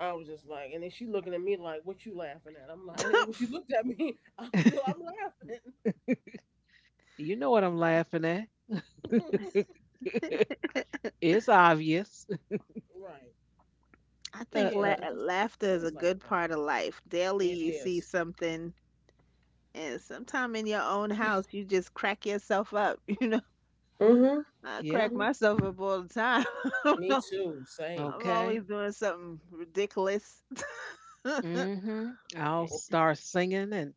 S3: I was just like, and then she looking at me like, "What you laughing at?" I'm like, <laughs> and when she looked at me, <laughs> I'm still I'm laughing.
S1: You know what I'm laughing at. <laughs>
S2: <laughs>
S1: It's obvious. <laughs>
S3: <laughs> Right.
S2: I
S3: But
S1: Uh,
S2: think
S3: yeah,
S1: uh,
S3: it's just
S2: laughter is a
S3: things like
S2: good
S3: that.
S2: part of life. Daily,
S3: It
S2: you see
S3: is.
S2: something, and sometime in your own house, you just crack yourself up. <laughs> You know,
S3: Mm-hmm.
S2: I
S1: yeah.
S2: crack
S3: Mm-hmm.
S2: myself up all the time. <laughs> I don't
S3: Me
S2: know.
S3: too. Same,
S2: I'm always
S1: Okay.
S3: same.
S2: doing something ridiculous, <laughs> right?
S1: Mm hmm. I'll start singing. and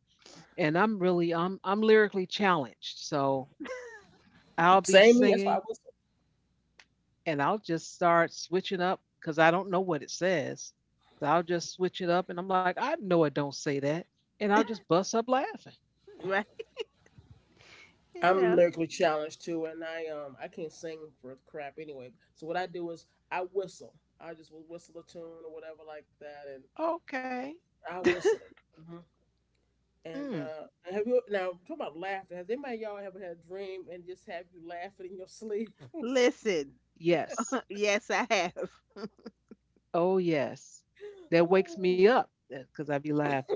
S1: and I'm really I'm lyrically challenged. So I'll be
S3: Same me. That's why I
S1: singing
S3: was.
S1: and I'll just start switching up because I don't know what it says. So I'll just switch it up and I'm like, "I know it don't say that." And I'll just bust up laughing.
S2: You
S3: I'm
S2: know.
S3: lyrically challenged too, and I can't sing for crap anyway. So what I do is I whistle. I just will whistle a tune or whatever like that, and
S1: Okay.
S3: I whistle it. Hmm. And
S1: Mm.
S3: have you now talking about laughter? Has anybody y'all ever had a dream and just have you laughing in your sleep?
S2: Listen,
S1: Yes.
S2: <laughs> yes, I have.
S1: Oh yes. That
S3: <laughs>
S1: wakes me
S3: Oh.
S1: up because I be laughing.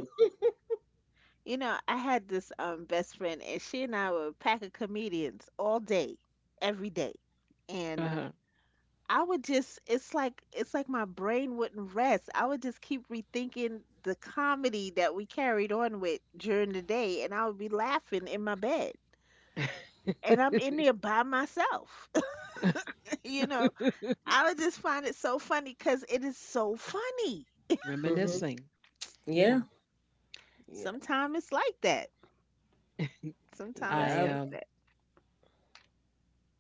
S2: You know, I had this best friend, and she and I were a pack of comedians all day, every day, and
S1: Uh-huh.
S2: I would just it's like my brain wouldn't rest. I would just keep rethinking the comedy that we carried on with during the day, and I would be laughing in my bed. And I'm in there by myself. <laughs> You know,
S1: <laughs>
S2: I would just find it so funny cuz it is so funny.
S3: Mm-hmm.
S1: Reminiscing. Yeah.
S3: Yeah. Yeah,
S2: Sometimes it's like that. Sometimes
S1: I
S2: it's
S3: yeah.
S2: like that.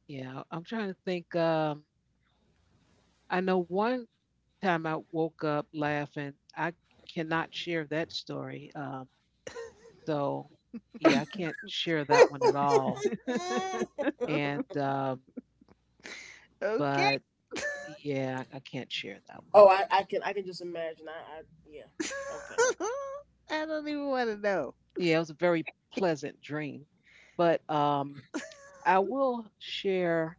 S1: Yeah, I'm trying to think. I know one time I woke up laughing. I cannot share that story. So yeah, I can't share that one at all.
S3: I've
S1: And
S2: Okay.
S1: but yeah, I can't share that one.
S3: Oh, I can just imagine. I yeah.
S2: <laughs>
S3: Okay.
S2: I don't even want to know.
S1: Yeah, it was a very pleasant dream. But I will share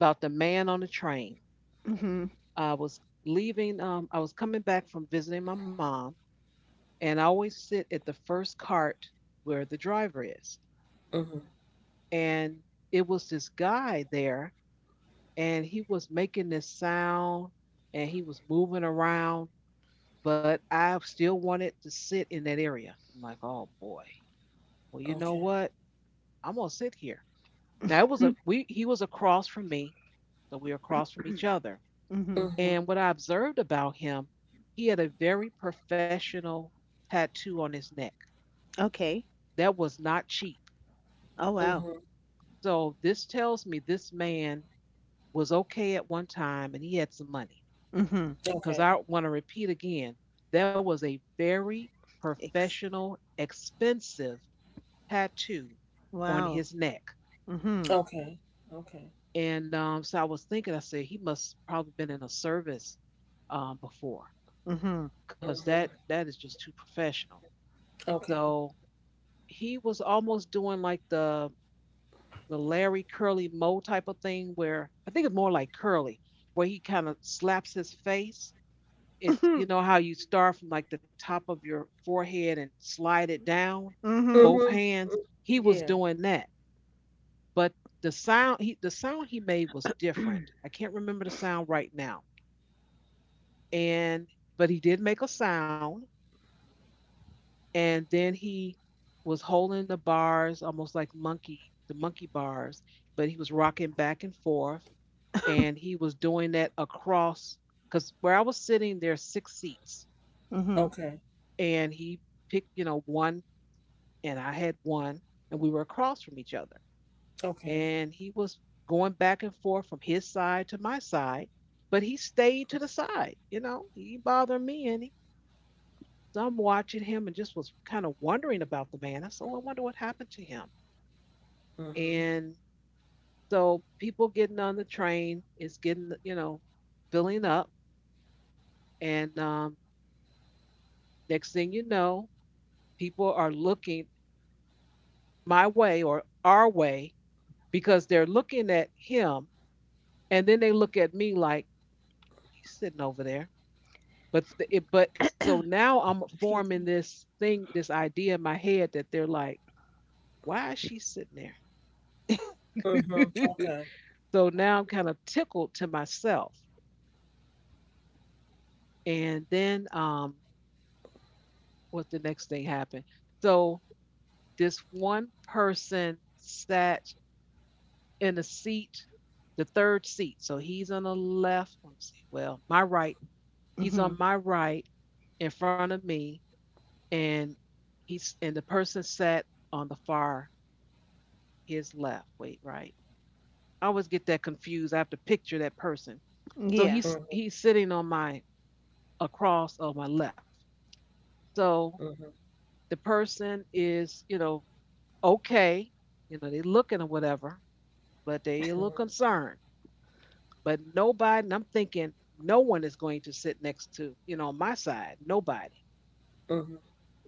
S1: about the man on the train.
S2: Mhm.
S1: I was leaving. I was coming back from visiting my mom, and I always sit at the first cart where the driver is.
S3: Mm-hmm.
S1: And it was this guy there, and he was making this sound and he was moving around, but I still wanted to sit in that area. I'm like, oh boy. Well, you know
S3: Okay.
S1: what? I'm gonna sit here. Now it was a
S2: <laughs>
S1: we he was across from me, so we were across from each other.
S2: Mhm.
S3: Mm-hmm.
S1: And what I observed about him, he had a very professional tattoo on his neck.
S2: Okay.
S1: That was not cheap.
S2: Oh wow.
S3: Mm-hmm.
S1: So this tells me this man was okay at one time and he had some money.
S2: Mhm.
S1: Because
S3: Okay.
S1: I want to repeat again, that was a very
S2: Ex-
S1: professional, expensive tattoo on
S2: wow.
S1: his neck.
S2: Mhm.
S3: Okay. Okay.
S1: And so I was thinking, I said he must probably been in a service before,
S2: Mhm.
S1: because that
S3: Mm-hmm.
S1: that is just too professional.
S3: Okay.
S1: So he was almost doing like the Larry Curly Moe type of thing where I think it's more like Curly, where he kind of slaps his face. It's
S2: Mhm.
S1: you know how you start from like the top of your forehead and slide it down, both
S2: Mhm.
S3: Mm-hmm.
S1: hands. He was
S3: Yeah.
S1: doing that, but the sound he made was different. I can't remember the sound right now, and but he did make a sound, and then he was holding the bars almost like monkey the monkey bars, but he was rocking back and forth and
S2: <laughs>
S1: he was doing that across because where I was sitting, there's six seats,
S2: Mhm.
S3: Okay.
S1: and he picked, you know, one, and I had one, and we were across from each other,
S3: Okay.
S1: and he was going back and forth from his side to my side, but he stayed to the side, you know, he bothered me, and he, so I'm watching him and just was kind of wondering about the man. I said, oh, I wonder what happened to him,
S3: Mm-hmm.
S1: and so people getting on the train is getting, you know, filling up, and next thing you know, people are looking my way or our way because they're looking at him and then they look at me like he's sitting over there. But so now I'm
S2: Excuse
S1: forming
S2: me.
S1: this thing, this idea in my head that they're like, why is she sitting there?
S3: Mm-hmm.
S1: <laughs>
S3: Okay.
S1: So now I'm kind of tickled to myself. And then what the next thing happened? So this one person sat in the seat, the third seat. So he's on the left. Let me see. Well, my right. He's on
S2: Mhm.
S1: my right in front of me, and he's and the person sat on the far his left. Wait, right. I always get that confused. I have to picture that person. So
S2: Yeah.
S1: he's
S3: Mm-hmm.
S1: he's sitting on my across of my left. So
S3: Mm-hmm.
S1: the person is, you know, okay. You know, they looking or whatever, but they a little concerned. But nobody, and I'm thinking no one is going to sit next to, you know, my side, nobody.
S3: Mm-hmm.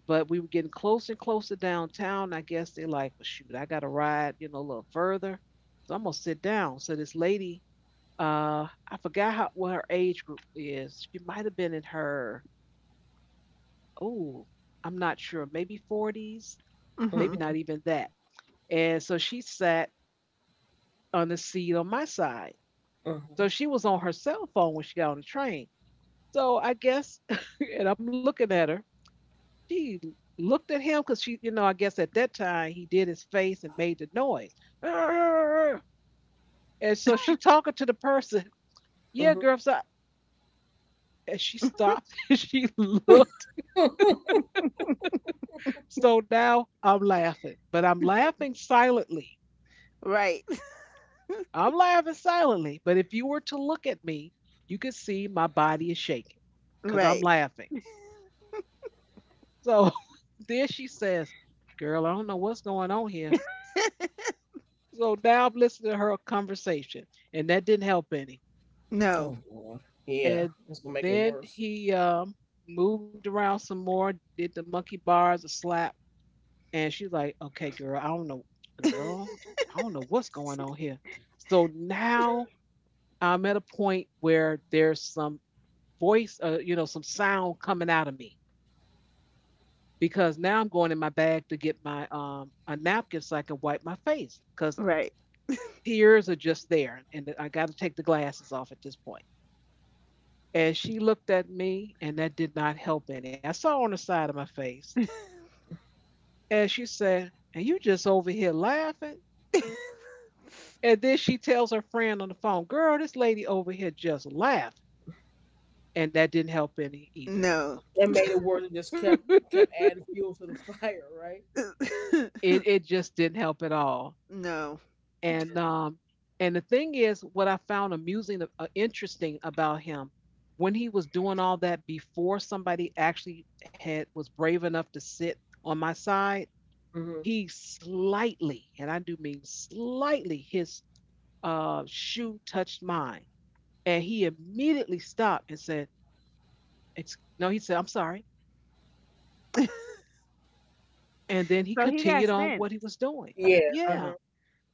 S1: But we were getting closer and closer downtown. I guess they're like, well, shoot, I got to ride, you know, a little further. So I'm going to sit down. So this lady, uh, I forgot how, what her age group is. She might have been in her, oh, I'm not sure, maybe 40s, maybe
S2: Mhm.
S1: not
S3: Mm-hmm.
S1: even that. And so she sat on the seat on my side.
S3: Mm-hmm.
S1: So she was on her cell phone when she got on the train. So I guess, <laughs> and I'm looking at her. She looked at him because she, you know, I guess at that time he did his face and made the noise. <laughs> "Arr!" And so she talking to the person. <laughs> Yeah,
S3: Mm-hmm.
S1: girl. So I-" and she stopped <laughs> and she looked. So now I'm laughing, but I'm laughing silently.
S2: Right. <laughs>
S1: I'm laughing silently. But if you were to look at me, you could see my body is shaking because I'm
S2: Right.
S1: laughing. So <laughs> then she says, Girl, I don't know what's going on here. So now I'm listening to her conversation, and that didn't help any.
S2: No.
S3: Oh Lord. Yeah.
S1: And
S3: It's gonna make it
S1: then
S3: worse.
S1: he moved around some more, did the monkey bars, a slap, and she's like, "Okay, girl, I don't know, girl,
S2: <laughs>
S1: I don't know what's going on here." So now I'm at a point where there's some voice, you know, some sound coming out of me, because now I'm going in my bag to get my a napkin so I can wipe my face because
S2: Right.
S1: tears are just there, and I got to take the glasses off at this point. As she looked at me, and that did not help any, I saw on the side of my face, as she said, And you just over here laughing?
S2: <laughs>
S1: And then she tells her friend on the phone, Girl, this lady over here just laughed. And that didn't help any either.
S2: No.
S3: It made it worse. It just kept adding fuel to the <laughs> fire, right?
S2: <laughs>
S1: It just didn't help at all.
S2: No.
S1: And um, and the thing is, what I found amusing, interesting about him, when he was doing all that before somebody actually had was brave enough to sit on my side,
S3: Mm-hmm.
S1: he slightly, and I do mean slightly, his shoe touched mine. And he immediately stopped and said, No, he said, I'm sorry. And then he
S2: So he got
S1: continued on
S2: sense.
S1: what he was doing.
S3: Yeah. Uh
S1: Yeah.
S3: huh.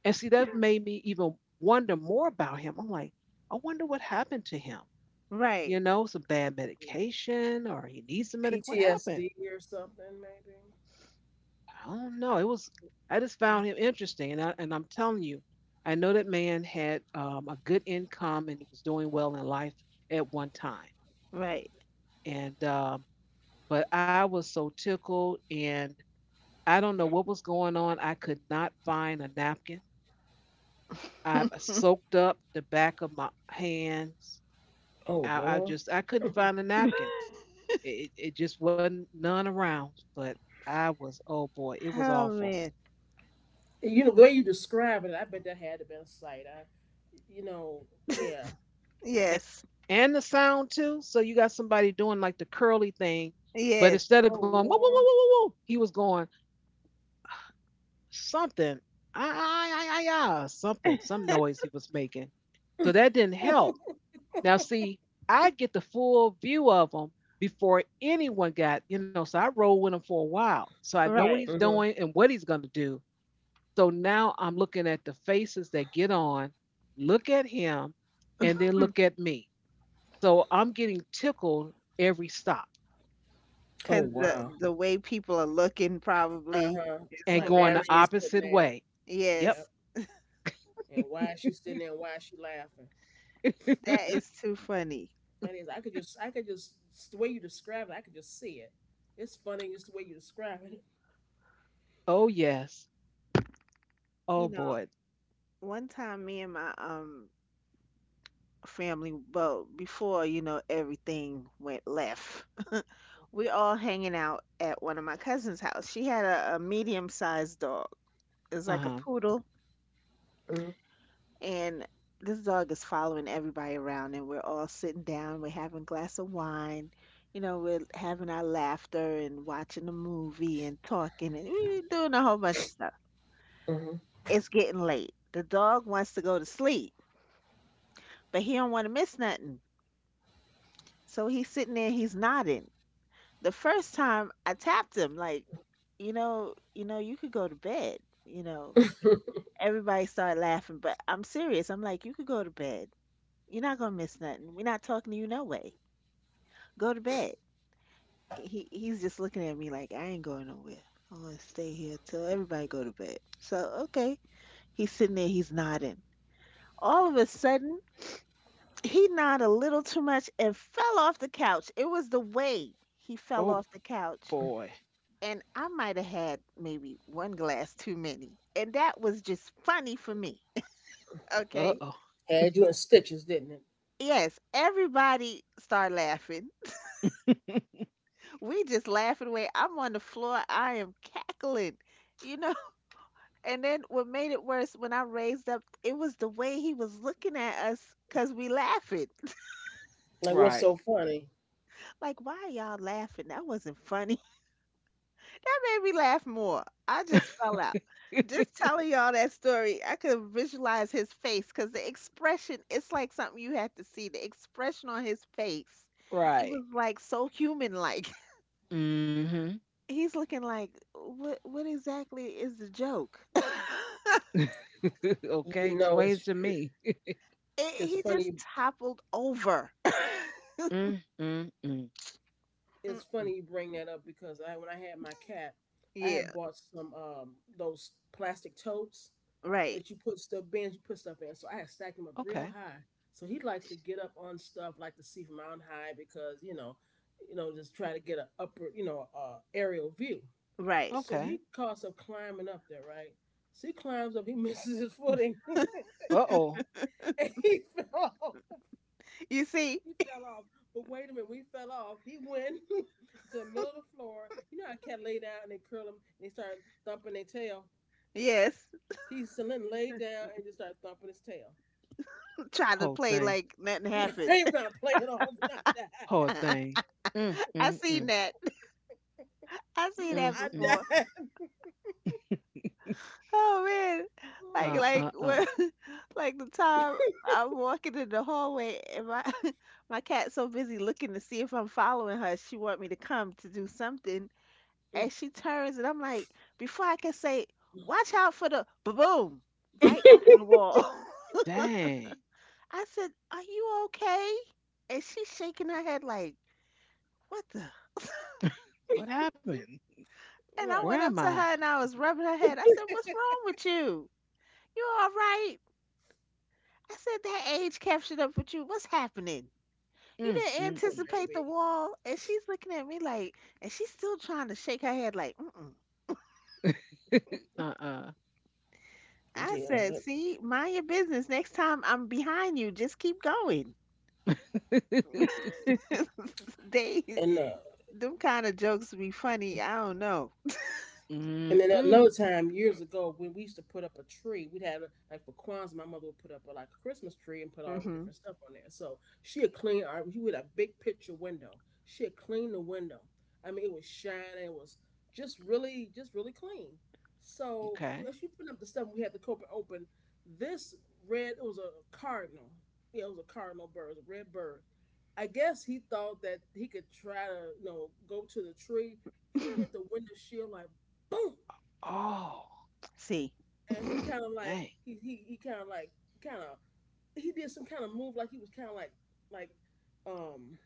S1: And see, that made me even wonder more about him. I'm like, I wonder what happened to him. You
S2: Right.
S1: know, some bad medication or he needs some medic. What happened?
S3: PTSD or something, maybe.
S1: I don't know. It was, I just found him interesting, and I'm telling you, I know that man had a good income and he was doing well in life at one time.
S2: Right.
S1: And But I was so tickled, and I don't know what was going on. I could not find a napkin. I
S2: <laughs>
S1: soaked up the back of my hands.
S3: Oh
S1: I
S3: Lord.
S1: just I couldn't find a napkin. It just wasn't none around. But I was, oh boy, it was
S2: Oh
S1: awful.
S2: man.
S3: You know the way you describe it, I bet that had to been sight. You know, yeah.
S1: a-
S2: Yes.
S1: and the sound too. So you got somebody doing like the curly thing, but
S2: Yes.
S1: instead of
S3: Oh
S1: going whoa whoa whoa
S3: Lord.
S1: whoa whoa, whoa, he was going something, ah ah ah ah ah, ah," something, some noise he was making. So that didn't help.
S3: <laughs>
S1: Now see, I get the full view of him before anyone got, So I roll with him for a while, so I know what he's
S2: Right.
S3: Hmm.
S1: doing and what he's gonna do. So now I'm looking at the faces that get on, look at him, and then look
S2: <clears throat>
S1: at me. So I'm getting tickled every stop
S3: Oh
S2: Cause the
S3: wow.
S2: the way people are looking
S3: Uh
S2: probably
S3: huh.
S2: is
S1: and
S3: Like why
S1: going
S3: you
S1: the
S3: still
S2: hilarious.
S3: sitting
S1: opposite
S3: there?
S1: way. Yep.
S2: Yes.
S3: Yep. And why is she sitting there? And why is she laughing?
S2: That is too funny.
S3: That is, I could just the way you describe it, I could just see it. It's funny just the way you describe it.
S1: Oh, yes.
S2: You
S1: Oh,
S2: know,
S1: boy.
S2: one time me and my family, well, before, you know, everything went left, we all hanging out at one of my cousin's house. She had a medium-sized dog. It's
S1: Uh
S2: like a
S1: huh.
S2: poodle.
S3: Hmm.
S2: And this dog is following everybody around, and we're all sitting down, we're having a glass of wine, you know, we're having our laughter and watching a movie and talking, and we're doing a whole bunch of stuff.
S3: Hmm.
S2: It's getting late. The dog wants to go to sleep, but he don't want to miss nothing. So he's sitting there, he's nodding. The first time I tapped him, like, you know, you could go to bed, you know. Everybody started laughing, but I'm serious. I'm like, you could go to bed. You're not gonna miss nothing. We're not talking to you no way. Go to bed. He's just looking at me like I ain't going nowhere. I'm gonna stay here till everybody go to bed. So okay. He's sitting there, he's nodding. All of a sudden, he nodded a little too much and fell off the couch. It was the way he fell
S1: Oh,
S2: off the couch,
S1: boy.
S2: and I might have had maybe one glass too many. And that was just funny for me. <laughs>
S1: Uh
S2: Okay.
S1: oh.
S3: Had you in stitches, didn't it?
S2: Yes, everybody start laughing. We just laughing away. I'm on the floor. I am cackling, you know. <laughs> And then what made it worse when I raised up, it was the way he was looking at us because we laughing.
S3: Like what's
S1: Right.
S3: so funny?
S2: Like, why y'all laughing? That wasn't funny. That made me laugh more. I just
S1: <laughs>
S2: fell out. Just telling y'all that story, I could visualize his face because the expression, it's like something you had to see. The expression on his face, it
S1: Right.
S2: was like so human like.
S1: Mm
S2: <laughs> He's looking like, what exactly is the joke? <laughs>
S1: hmm. <laughs> Okay.
S3: You know,
S1: Explains
S3: it's
S1: to me.
S2: It,
S3: it's
S2: he just
S3: funny.
S2: toppled over. <laughs>
S1: Mm, mm, mm.
S3: It's
S2: Mm-mm.
S3: funny you bring that up because I when I had my cat, I had
S2: Yeah,
S3: bought some those plastic totes
S2: right,
S3: that you put stuff bins you put stuff in. So I had stacked them up real
S1: Okay.
S3: high. So he likes to get up on stuff like to see from on high because just try to get an upper aerial view.
S2: right.
S3: So
S1: Okay.
S3: he costs up climbing up there, right? So he climbs up, he <laughs> misses his footing, <laughs>
S1: Uh oh.
S3: and he fell off.
S2: You see?
S3: He fell off. But wait a minute, when he fell off, he went <laughs> to the middle of the floor. You know how cats lay down and they curl them and they start thumping their tail.
S2: Yes,
S3: He Celine laid down and just started thumping his tail.
S2: <laughs> trying to
S1: Whole
S2: play
S1: thing.
S2: like nothing
S3: <laughs> I
S2: happened.
S3: ain't gonna play it off.
S1: Whole thing.
S2: <laughs> I
S1: Mm, mm,
S2: seen
S1: mm,
S2: that. I
S3: <laughs>
S2: seen that
S3: I
S1: mm,
S3: died.
S2: before.
S3: <sighs> I died.
S1: mm. <laughs>
S2: Oh man, like like
S1: Uh.
S2: when, <laughs> like the time I'm walking in the hallway and my <laughs> my cat's so busy looking to see if I'm following her, she want me to come to do something, and
S3: <laughs>
S2: she turns and I'm like, before I can say, watch out for the boom, right into the wall. <laughs>
S1: Dang.
S2: I said, are you okay? And she's shaking her head like, what the? And
S1: <laughs> What happened?
S2: I
S1: Where
S3: Right.
S2: went
S1: am
S2: up to
S1: I?
S2: her and I was rubbing her head. I said, what's wrong with you? You all right? I said that age cap up with you. What's happening? You
S1: Mm,
S2: didn't
S1: mm,
S3: Poor
S1: mm.
S2: anticipate
S3: baby.
S2: the wall, and she's looking at me like, and she's still trying to shake her head like, mm.
S1: <laughs> Uh-uh.
S2: I
S3: Yeah.
S2: said,
S3: That-
S2: see, mind your business. Next time I'm behind you, just keep going.
S1: <laughs>
S2: <laughs> they,
S3: Enough.
S2: Them kind of jokes be funny. I don't know.
S3: And then at
S1: Mm-mm.
S3: another time, years ago, when we used to put up a tree, we'd have a- like for Kwanzaa, my mother would put up a, like a Christmas tree and put all the
S2: Hmm.
S3: different stuff on there. So she would clean our, we had a big picture window. She would clean the window. I mean, it was shining. It was just really clean. So
S1: Okay.
S3: as she put up the stuff, we had the copa open. This red, it was a cardinal. Yeah, it was a cardinal bird, a red bird. I guess he thought that he could try to, you know, go to the tree. He hit the window shield like boom,
S1: Oh,
S2: See,
S3: and
S1: dang.
S3: he kind of like kind of he did some kind of move like he was kind of like like um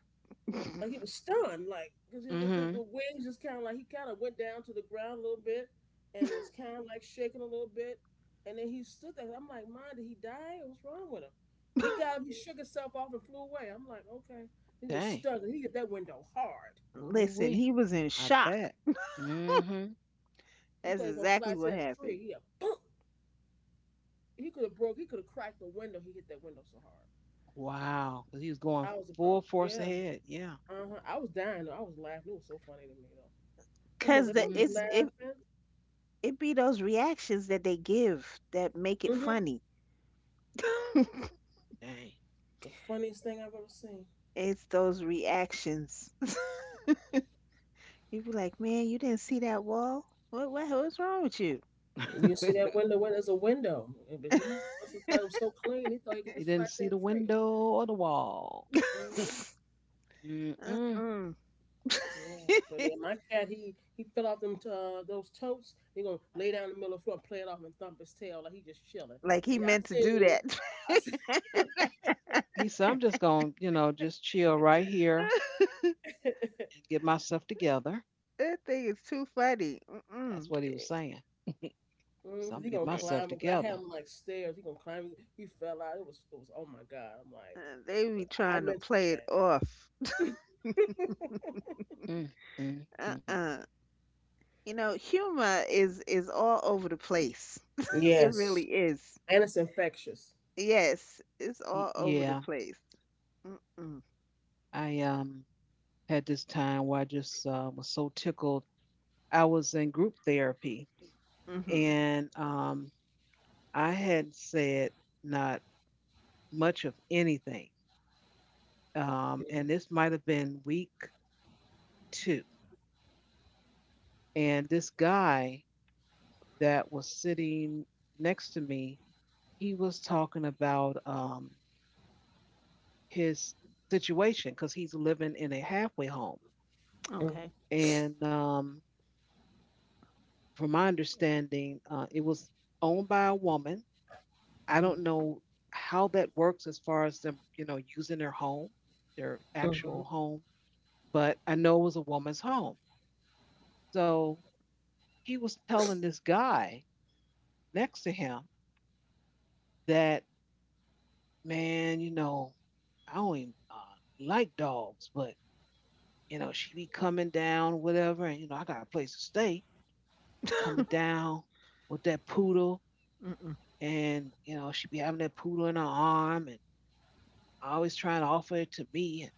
S3: like he was stunned like because
S1: Mm-hmm.
S3: the wings just kind of like he kind of went down to the ground a little bit and was kind of like shaking a little bit, and then he stood there. I'm like, man, did he die? What's wrong with him? He got up, he
S2: <laughs>
S3: shook himself off and flew away. I'm like, okay, he was
S1: Dang.
S3: stuck. He hit that window hard.
S2: listen,
S1: Ooh-wee.
S2: he was in
S1: I
S2: shock.
S1: bet. Mm-hmm.
S3: He
S2: That's
S3: thought he was gonna
S2: exactly
S3: fly to
S2: what
S3: that
S2: happened.
S3: tree. He a boom. He could have cracked the window. He hit that window so hard.
S1: Wow. 'Cause he was going
S3: I was
S1: full
S3: about
S1: force
S3: Yeah.
S1: ahead. Yeah.
S3: Uh-huh. I was dying though. I was laughing. It was so funny to me though. My mom was
S2: Cause
S3: like,
S2: the
S3: "Don't be
S1: Mm-mm.
S2: it's it
S3: laughing."
S2: it be those reactions that they give that make it
S3: Mm-hmm.
S2: funny. <laughs>
S1: Dang.
S3: The funniest thing I've ever seen.
S2: It's those reactions. <laughs> You be like, man, you didn't see that wall? What's wrong with you?
S3: You see
S1: <laughs>
S3: that window? Where there's a window, And- But he must have thought it was so clean. He thought he could
S1: He
S3: just
S1: didn't
S3: flash
S1: see the
S3: that tree.
S1: window or the wall.
S3: Hmm.
S2: <laughs>
S1: <laughs> Mm-mm.
S2: Uh-uh.
S3: Yeah, but yeah,
S2: <laughs>
S3: my cat he fell off them those totes. He gonna lay down in the middle of the floor and play it off and thump his tail like he just chilling.
S2: Like he
S3: Yeah, I
S2: meant to do
S3: seen you.
S2: that.
S3: I seen <laughs> you. Right.
S1: He said, I'm just going to, you know, just chill right here
S2: <laughs>
S1: and get myself together.
S2: That thing is too funny.
S1: That's
S2: Mm-mm.
S1: what he was saying. So I'm
S3: Mm,
S1: going to
S3: he
S1: get
S3: gonna
S2: They
S1: myself
S3: climb because I
S1: together.
S3: had him like stairs. He gonna climb. He fell out. It was Oh my god.
S2: uh, they be
S3: I
S2: trying to
S3: meant to
S2: play it off.
S3: do that. <laughs>
S1: Mm-mm.
S2: Uh-uh. You know, humor is all over the place. <laughs> It really
S3: Yes.
S2: is.
S3: And it's infectious.
S2: Yes, it's all over the
S1: Yeah,
S2: place. Mm-mm.
S1: I had this time where I just was so tickled. I was in group therapy,
S2: Mm-hmm.
S1: and I had said not much of anything. And this might have been week 2. And this guy that was sitting next to me, he was talking about his situation, cuz he's living in a halfway home.
S3: Mm,
S2: Okay.
S1: And From my understanding, it was owned by a woman. I don't know how that works as far as them, you know, using their home, their
S3: mhm,
S1: actual home, but I know it was a woman's home. So he was telling this guy next to him that, man, you know, I don't even like dogs, but, you know, she be coming down, whatever, and, you know, I got a place to stay, coming
S2: Mm-hmm.
S1: down with that poodle,
S2: <laughs>
S1: and, you know, she be having that poodle in her arm, and always trying to offer it to me. And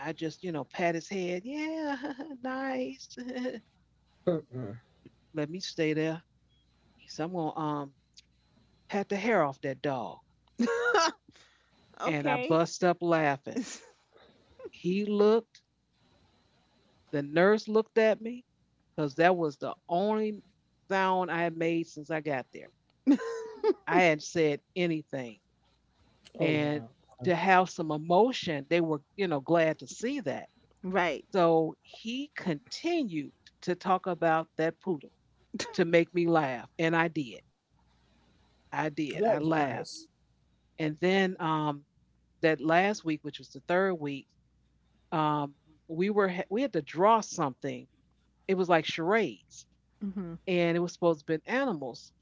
S1: I just, you know, pat his head. Yeah, <laughs> nice.
S3: mhm.
S1: Let me stay there. He said, I'm gonna pat the hair off that dog.
S2: <laughs>
S1: And I
S2: Okay.
S1: bust up laughing. He looked, the nurse looked at me, because that was the only sound I had made since I got there.
S2: <laughs>
S1: I hadn't said anything.
S3: Oh
S1: And
S3: wow. Okay.
S1: to have some emotion, they were, you know, glad to see that.
S2: Right.
S1: So he continued to talk about that poodle to make me laugh. And I did. I
S3: Well,
S1: did.
S3: that
S1: I
S3: was
S1: laughed.
S3: nice.
S1: And then that last week, which was the third week, um, we had to draw something. It was like charades,
S2: Hmm.
S1: and it was supposed to be animals.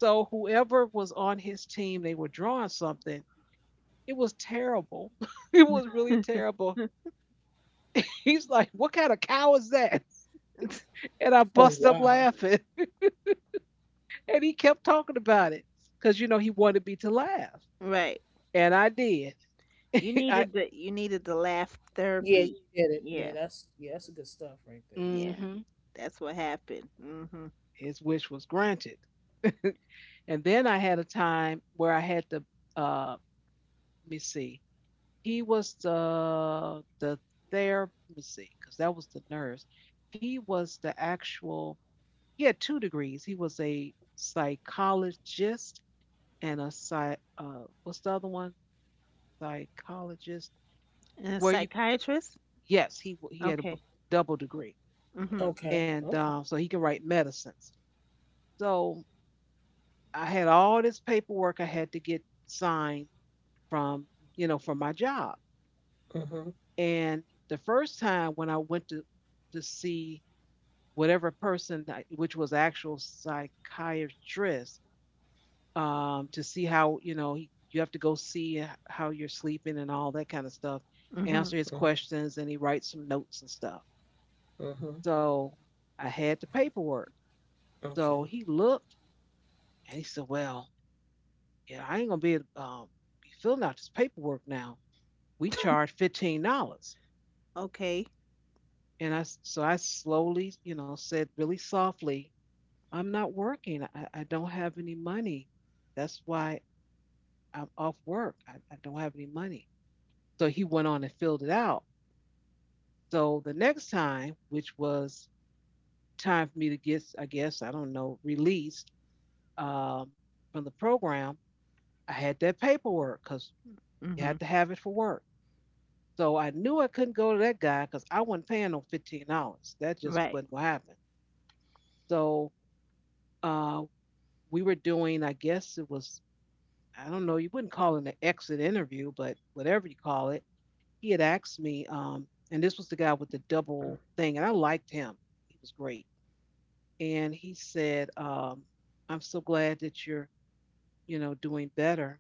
S1: So whoever was on his team, they were drawing something. It was terrible. <laughs> It was really
S2: <laughs>
S1: terrible. <laughs> He's like, "What kind of cow is that?" <laughs> And I
S3: Oh
S1: bust up
S3: wow.
S1: laughing, <laughs> and he kept talking about it because you know he wanted me to laugh,
S2: Right.
S1: and I did. <laughs> I
S2: You needed the laugh
S3: Yeah, you
S2: therapy.
S3: did it.
S2: Yeah.
S3: Yeah, that's good stuff right there.
S2: Yeah.
S1: mm-hmm.
S2: That's what happened. Mhm.
S1: His wish was granted. And then I had a time where I had the uh let me see. He was the therapy, let me see, because that was the nurse. He was the actual he had two degrees. He was a psychologist and a psy what's the other one? Psychologist.
S2: And a
S1: Where you
S2: psychiatrist?
S1: Yes, he had a
S2: Okay.
S1: double degree.
S2: Mhm.
S3: Okay.
S1: And
S3: Okay.
S1: So he could write medicines. So I had all this paperwork I had to get signed from, you know, from my job.
S3: Mhm,
S1: And the first time when I went to see whatever person, which was actual psychiatrist, to see how you know he, you have to go see how you're sleeping and all that kind of stuff,
S2: Mhm.
S1: answer his
S3: mhm,
S1: questions, and he writes some notes and stuff.
S3: mhm, mhm.
S1: So I had the paperwork.
S3: Okay.
S1: So he looked and he said, "Well, yeah, I ain't gonna be filling out this paperwork now. We
S2: <laughs>
S1: charge $15."
S2: Okay.
S1: And so I slowly, you know, said really softly, I'm not working. I don't have any money. That's why I'm off work. I don't have any money. So he went on and filled it out. So the next time, which was time for me to get, I guess, I don't know, released um, from the program, I had that paperwork because you
S2: Hmm.
S1: had to have it for work. So I knew I couldn't go to that guy because I wasn't paying no $15. That just
S2: Right.
S1: wasn't what happened. So uh, we were doing, I guess it was, I don't know, you wouldn't call it an exit interview, but whatever you call it, he had asked me, and this was the guy with the double thing, and I liked him. He was great. And he said, I'm so glad that you're, you know, doing better,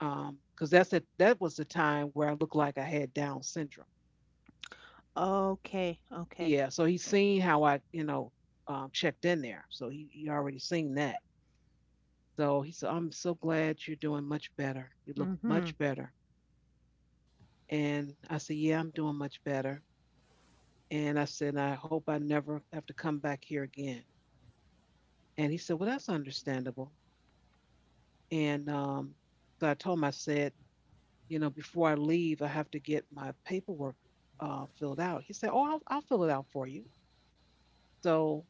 S1: because that was the time where I looked like I had Down syndrome.
S2: Okay. Okay.
S1: Yeah. So he's seen how I, you know, checked in there. So he already seen that. So he said, I'm so glad you're doing much better. You look
S2: Mhm.
S1: much better. And I said, Yeah, I'm doing much better. And I said, I hope I never have to come back here again. And he said, Well, that's understandable. And So I told him, I said, You know, before I leave, I have to get my paperwork filled out. He said, Oh, I'll fill it out for you. So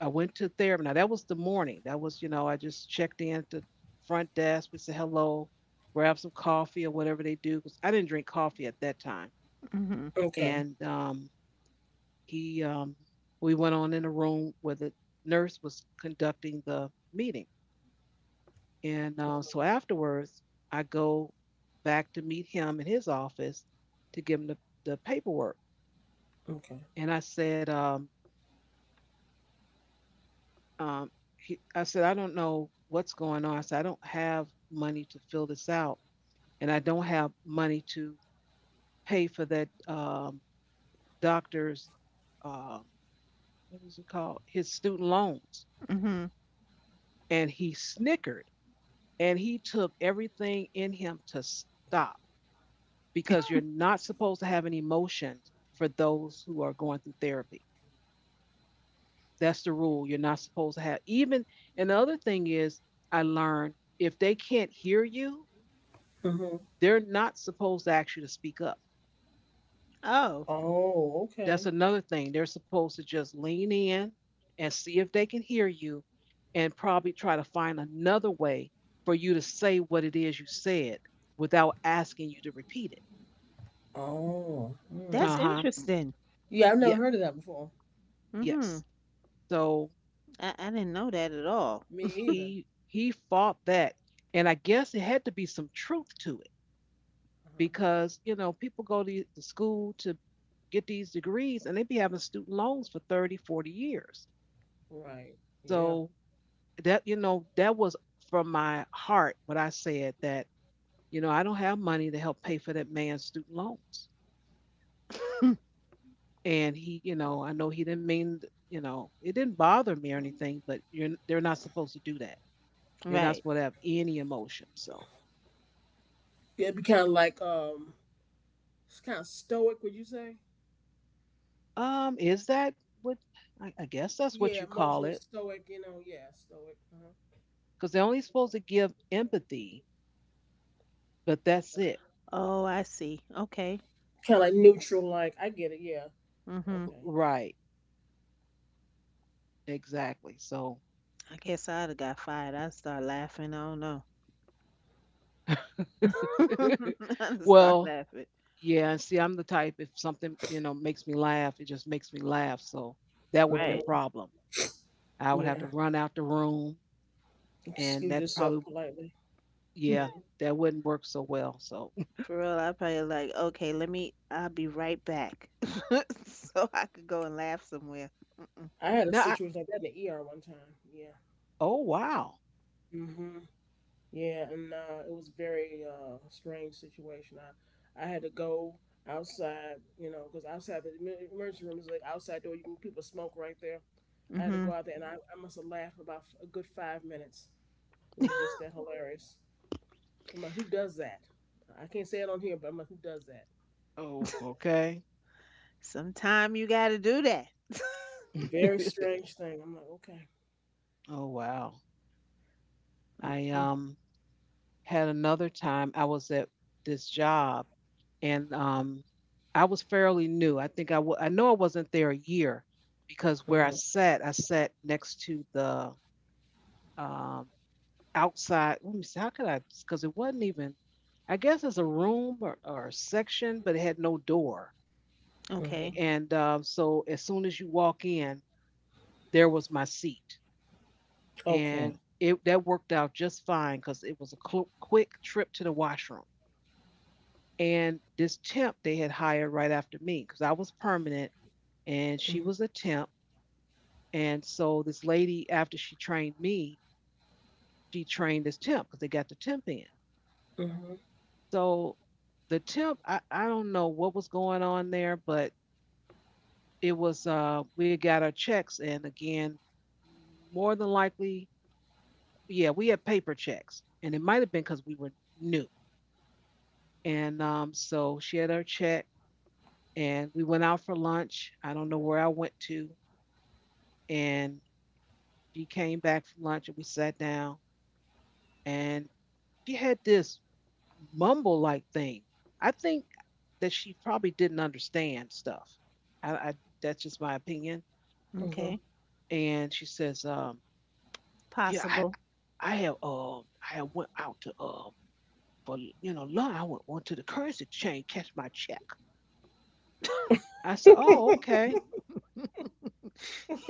S1: I went to therapy. Now, that was the morning. That was, you know, I just checked in to front desk. We said hello, grab some coffee or whatever they do, because I didn't drink coffee at that time.
S2: Mhm.
S3: Okay.
S1: And he we went on in a room where the nurse was conducting the meeting and so afterwards I go back to meet him in his office to give him the paperwork
S3: Okay.
S1: and um, I said, I don't know what's going on. I said, I don't have money to fill this out, and I don't have money to pay for that doctor's um, what is it called, his student loans.
S2: Hmm.
S1: And he snickered, and he took everything in him to stop, because you're not supposed to have any emotions for those who are going through therapy. That's the rule. You're not supposed to have even, and the other thing is I learned, if they can't hear you,
S3: Mhm.
S1: they're not supposed to ask you to speak up.
S2: Oh,
S3: Oh,
S1: That's
S3: okay.
S1: another thing. They're supposed to just lean in and see if they can hear you, and probably try to find another way for you to say what it is you said without asking you to repeat it.
S3: Oh, all right.
S2: that's
S1: Uh-huh.
S2: interesting.
S3: Yeah, I've never
S1: Yeah.
S3: heard of that before.
S2: Hmm.
S1: Yes. So
S2: I didn't know that at all.
S3: Me either.
S1: he fought that, and I guess it had to be some truth to it,
S3: Uh-huh.
S1: because you know, people go to the school to get these degrees, and they be having student loans for 30, 40 years.
S3: Right. Yeah.
S1: So that, you know, that was from my heart what I said, that you know, I don't have money to help pay for that man's student loans. And he, you know, I know he didn't mean, you know, it didn't bother me or anything, but you're they're not supposed to do that. They're not
S2: Right.
S1: supposed to have any emotion. So
S3: Yeah, it'd be kind of like it's kind of stoic. Would you say?
S1: Is that what I guess that's what you
S3: Yeah,
S1: call
S3: emotional
S1: it?
S3: stoic, you know, yeah, stoic. Uh-huh.
S1: Because they're only supposed to give empathy, but that's it.
S2: Oh, I see. Okay.
S3: Kind of like neutral, like I get it. Yeah,
S2: Hmm.
S3: okay.
S1: Right. Exactly. So
S2: I guess I'd have got fired. I'd start laughing. I don't know. <laughs>
S1: <laughs>
S2: I'd start
S1: well,
S2: laughing.
S1: yeah, and see, I'm the type, if something, you know, makes me laugh, it just makes me laugh. So that would be a
S2: Right.
S3: Uh-huh.
S1: problem. I would have
S3: Yeah,
S1: to run out the room, and
S3: excuse
S1: that
S3: yourself
S1: probably,
S3: politely.
S1: yeah,
S2: <laughs>
S3: Mhm.
S1: that wouldn't work so well. So
S2: For real, I probably like, okay, let me, I'll be right back. <laughs> So I could go and laugh somewhere. Mm-mm.
S3: I
S1: <laughs>
S3: had a
S1: now
S3: situation like that in the ER one time. Yeah.
S1: oh wow.
S3: Hmm. Yeah, and it was very strange situation. I had to go outside, you know, because outside the emergency room is like outside door. You can people smoke right there. I had to go
S2: Mm-hmm.
S3: out there, and I must have laughed about a good 5 minutes. It was just that hilarious. I'm like, who does that? I can't say it on here, but I'm like, who does that?
S1: Oh, okay.
S2: <laughs> Sometime you got to do that.
S3: Very
S1: <laughs>
S3: strange thing. I'm like, okay.
S1: Oh wow.
S2: <laughs>
S1: I
S2: Mm-mm.
S1: um had another time I was at this job, and I was fairly new. I think I know I wasn't there a year, because where
S3: Hmm.
S1: I sat next to the um outside. Let me see, how could I? Because it wasn't even, I guess it's a room, or a section, but it had no door.
S2: Okay.
S1: A-
S3: Hmm.
S1: And so as soon as you walk in, there was my seat, and
S3: Okay.
S1: it that worked out just fine because it was a quick trip to the washroom. And this temp they had hired right after me, because I was permanent and
S3: Hmm.
S1: she was a temp. And so this lady, after she trained me, she trained this temp because they got the temp in.
S3: Hmm.
S1: So the temp, I don't know what was going on there, but it was we got our checks, and again, more than likely, yeah, we had paper checks. And it might have been because we were new. And she had her check, and we went out for lunch. I don't know where I went to. And she came back from lunch, and we sat down, and she had this mumble like thing. I think that she probably didn't understand stuff. I, that's just my opinion.
S3: Hmm.
S2: Okay.
S1: And she says, yeah,
S2: Possible. <laughs>
S1: I have I have went out to for you know lunch. Went to the currency exchange, catch my check. I said, oh okay,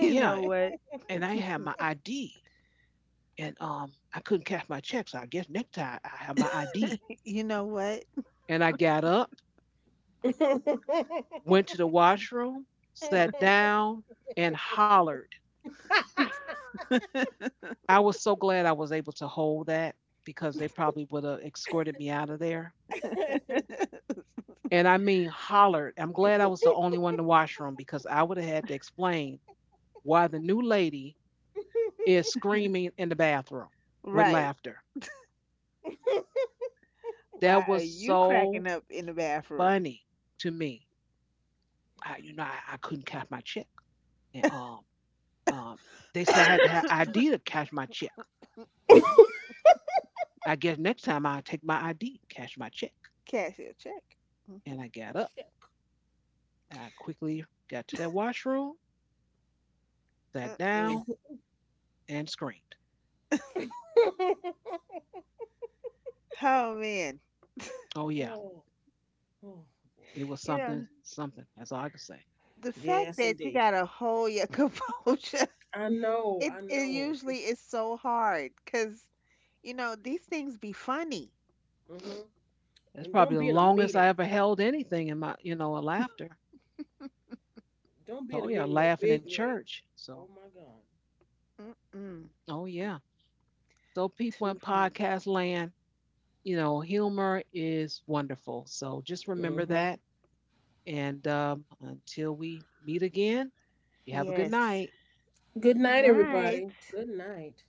S2: You know what?
S3: <laughs>
S1: and I had my ID, and I couldn't cash my check, so I guess next time I have my ID.
S2: You know what?
S1: And I got up, went to the washroom, sat down, and hollered.
S2: <laughs>
S1: I was so glad I was able to hold that, because they probably would have escorted me out of there. And I mean, hollered. I'm glad I was the only one in the washroom, because I would have had to explain why the new lady is screaming in the bathroom with
S2: Right.
S1: laughter. That
S2: Why are
S1: was
S2: you
S1: so
S2: cracking up in the bathroom?
S1: funny to me. I, I couldn't cash my check, and um,
S2: <laughs>
S1: they
S2: <coughs>
S1: said I had to have
S2: Cash
S1: ID to cash my check. I guess next time I take my ID, cash my check.
S2: your check. Mm-hmm.
S1: And I got up, and I quickly got to that washroom, sat
S2: Uh-uh.
S1: down, and screamed.
S2: Oh man,
S1: Oh, yeah,
S3: Oh, oh boy.
S1: it was
S2: you know
S1: something, something. That's all I can say.
S2: the fact
S3: Yes,
S2: that you
S3: indeed.
S2: gotta hold your <laughs> composure,
S3: I know.
S2: it
S3: I
S2: it
S3: know.
S2: usually
S3: It's,
S2: is so hard because you know these things be funny.
S3: hmm.
S1: That's
S3: And
S1: probably
S3: don't
S1: the
S3: be in a
S1: longest I
S3: meeting.
S1: ever held anything in my, you know, a laughter.
S3: Don't be in a
S1: Oh, yeah,
S3: meeting with no
S1: laughing in
S3: big
S1: church. So,
S3: Oh my God.
S2: Mm-mm,
S1: oh, yeah. So, people in
S2: too funny.
S1: podcast land, you know, humor is wonderful. So, just remember
S3: Mm-hmm.
S1: that. And until we meet again, you have a good
S2: Yes.
S1: night.
S3: Good
S2: Good
S3: night,
S2: night.
S3: everybody. Good night.